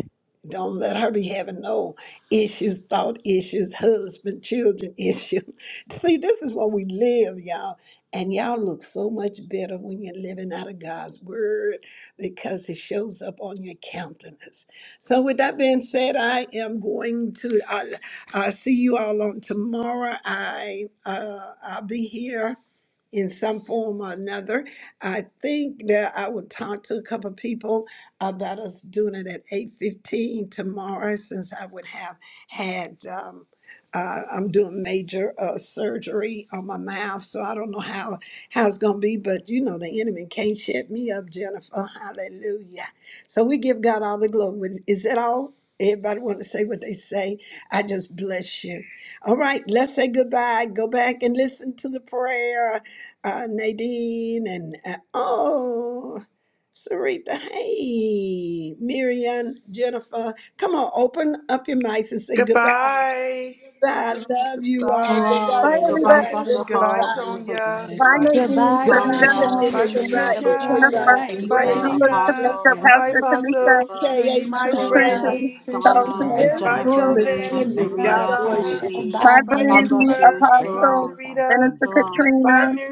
A: Don't let her be having no issues, thought issues, husband, children issues. See, this is where we live, y'all. And y'all look so much better when you're living out of God's word because it shows up on your countenance. So, with that being said, I am going to. I, I see you all on tomorrow. I uh, I'll be here in some form or another I think that I will talk to a couple of people about us doing it at eight fifteen tomorrow, since I would have had, um, uh, I'm doing major, uh, surgery on my mouth, so I don't know how, how it's gonna be, but you know, the enemy can't shut me up, Jennifer, hallelujah. So we give God all the glory. Is that all? Everybody want to say what they say? I just bless you. All right, let's say goodbye. Go back and listen to the prayer uh, Nadine and uh, oh, Sarita, hey, Miriam, Jennifer, come on, open up your mics and say goodbye.
G: Goodbye,
A: Goodbye,
G: Dr.
A: I
G: Hall.
A: love you all.
G: Goodbye,
A: Goodbye
B: Bye,
C: Shalom.
I: And
C: Goodbye,
I: Goodbye,
B: everybody.
A: to
C: Dr.
G: Grayson. Goodbye,
C: Hall,
A: everybody.
C: Minister.
J: Divide
G: Sonia.
B: If
J: and
B: I
G: Goodbye,
B: may
J: divide,
B: be
H: Goodbye,
G: Katrina.
A: Goodbye,
J: divide
H: Dr.
B: Sarita,
J: Donna,
C: Sonia,
H: Hub
G: Goodbye,
A: Tamika.
H: and
J: divide
A: Goodbye,
C: Katrina,
H: Minister
J: Sheldon,
C: Patricia,
J: divide
A: everybody.
G: Patricia.
H: Porter
J: Dola,
B: Jennifer,
H: and
G: Goodbye,
J: divide
C: Tamika,
A: Grace,
B: Lula,
H: Grace
J: Brandy, divide
G: Tamika.
H: Hicks
C: Apostle,
B: Tanisha,
H: and
J: Pastor,
G: Goodbye,
B: Pastor Tanisha,
G: Lou.
C: Francula,
A: K.A.
G: Goodbye,
H: Katrina and
A: Trina.
C: Chosen,
B: Patricia,
G: Brandy.
H: Patricia and
C: Donna,
B: Chosen,
J: divide
A: This
G: Goodbye,
J: Sonia,
H: Sonia
C: Jennifer,
A: room
J: divide
H: and
A: is
C: Miriam,
G: Chosen.
J: Katrina,
A: ending.
H: Samantha,
G: Goodbye,
A: God
C: Sarita,
J: divide
C: and
A: bless
G: Donna.
A: you.
H: Apostle
C: Nadine.
J: Patricia,
B: my
H: Bob
G: Goodbye,
C: God
H: Brandy.
B: Brandy,
C: bless you.
G: Jennifer.
J: divide Grace,
G: Bye,
B: Apostle,
C: Shalom.
J: divide
G: Sarita.
B: Minister
J: Queen
C: Shalom.
G: Bye,
B: Katrina,
G: Miriam.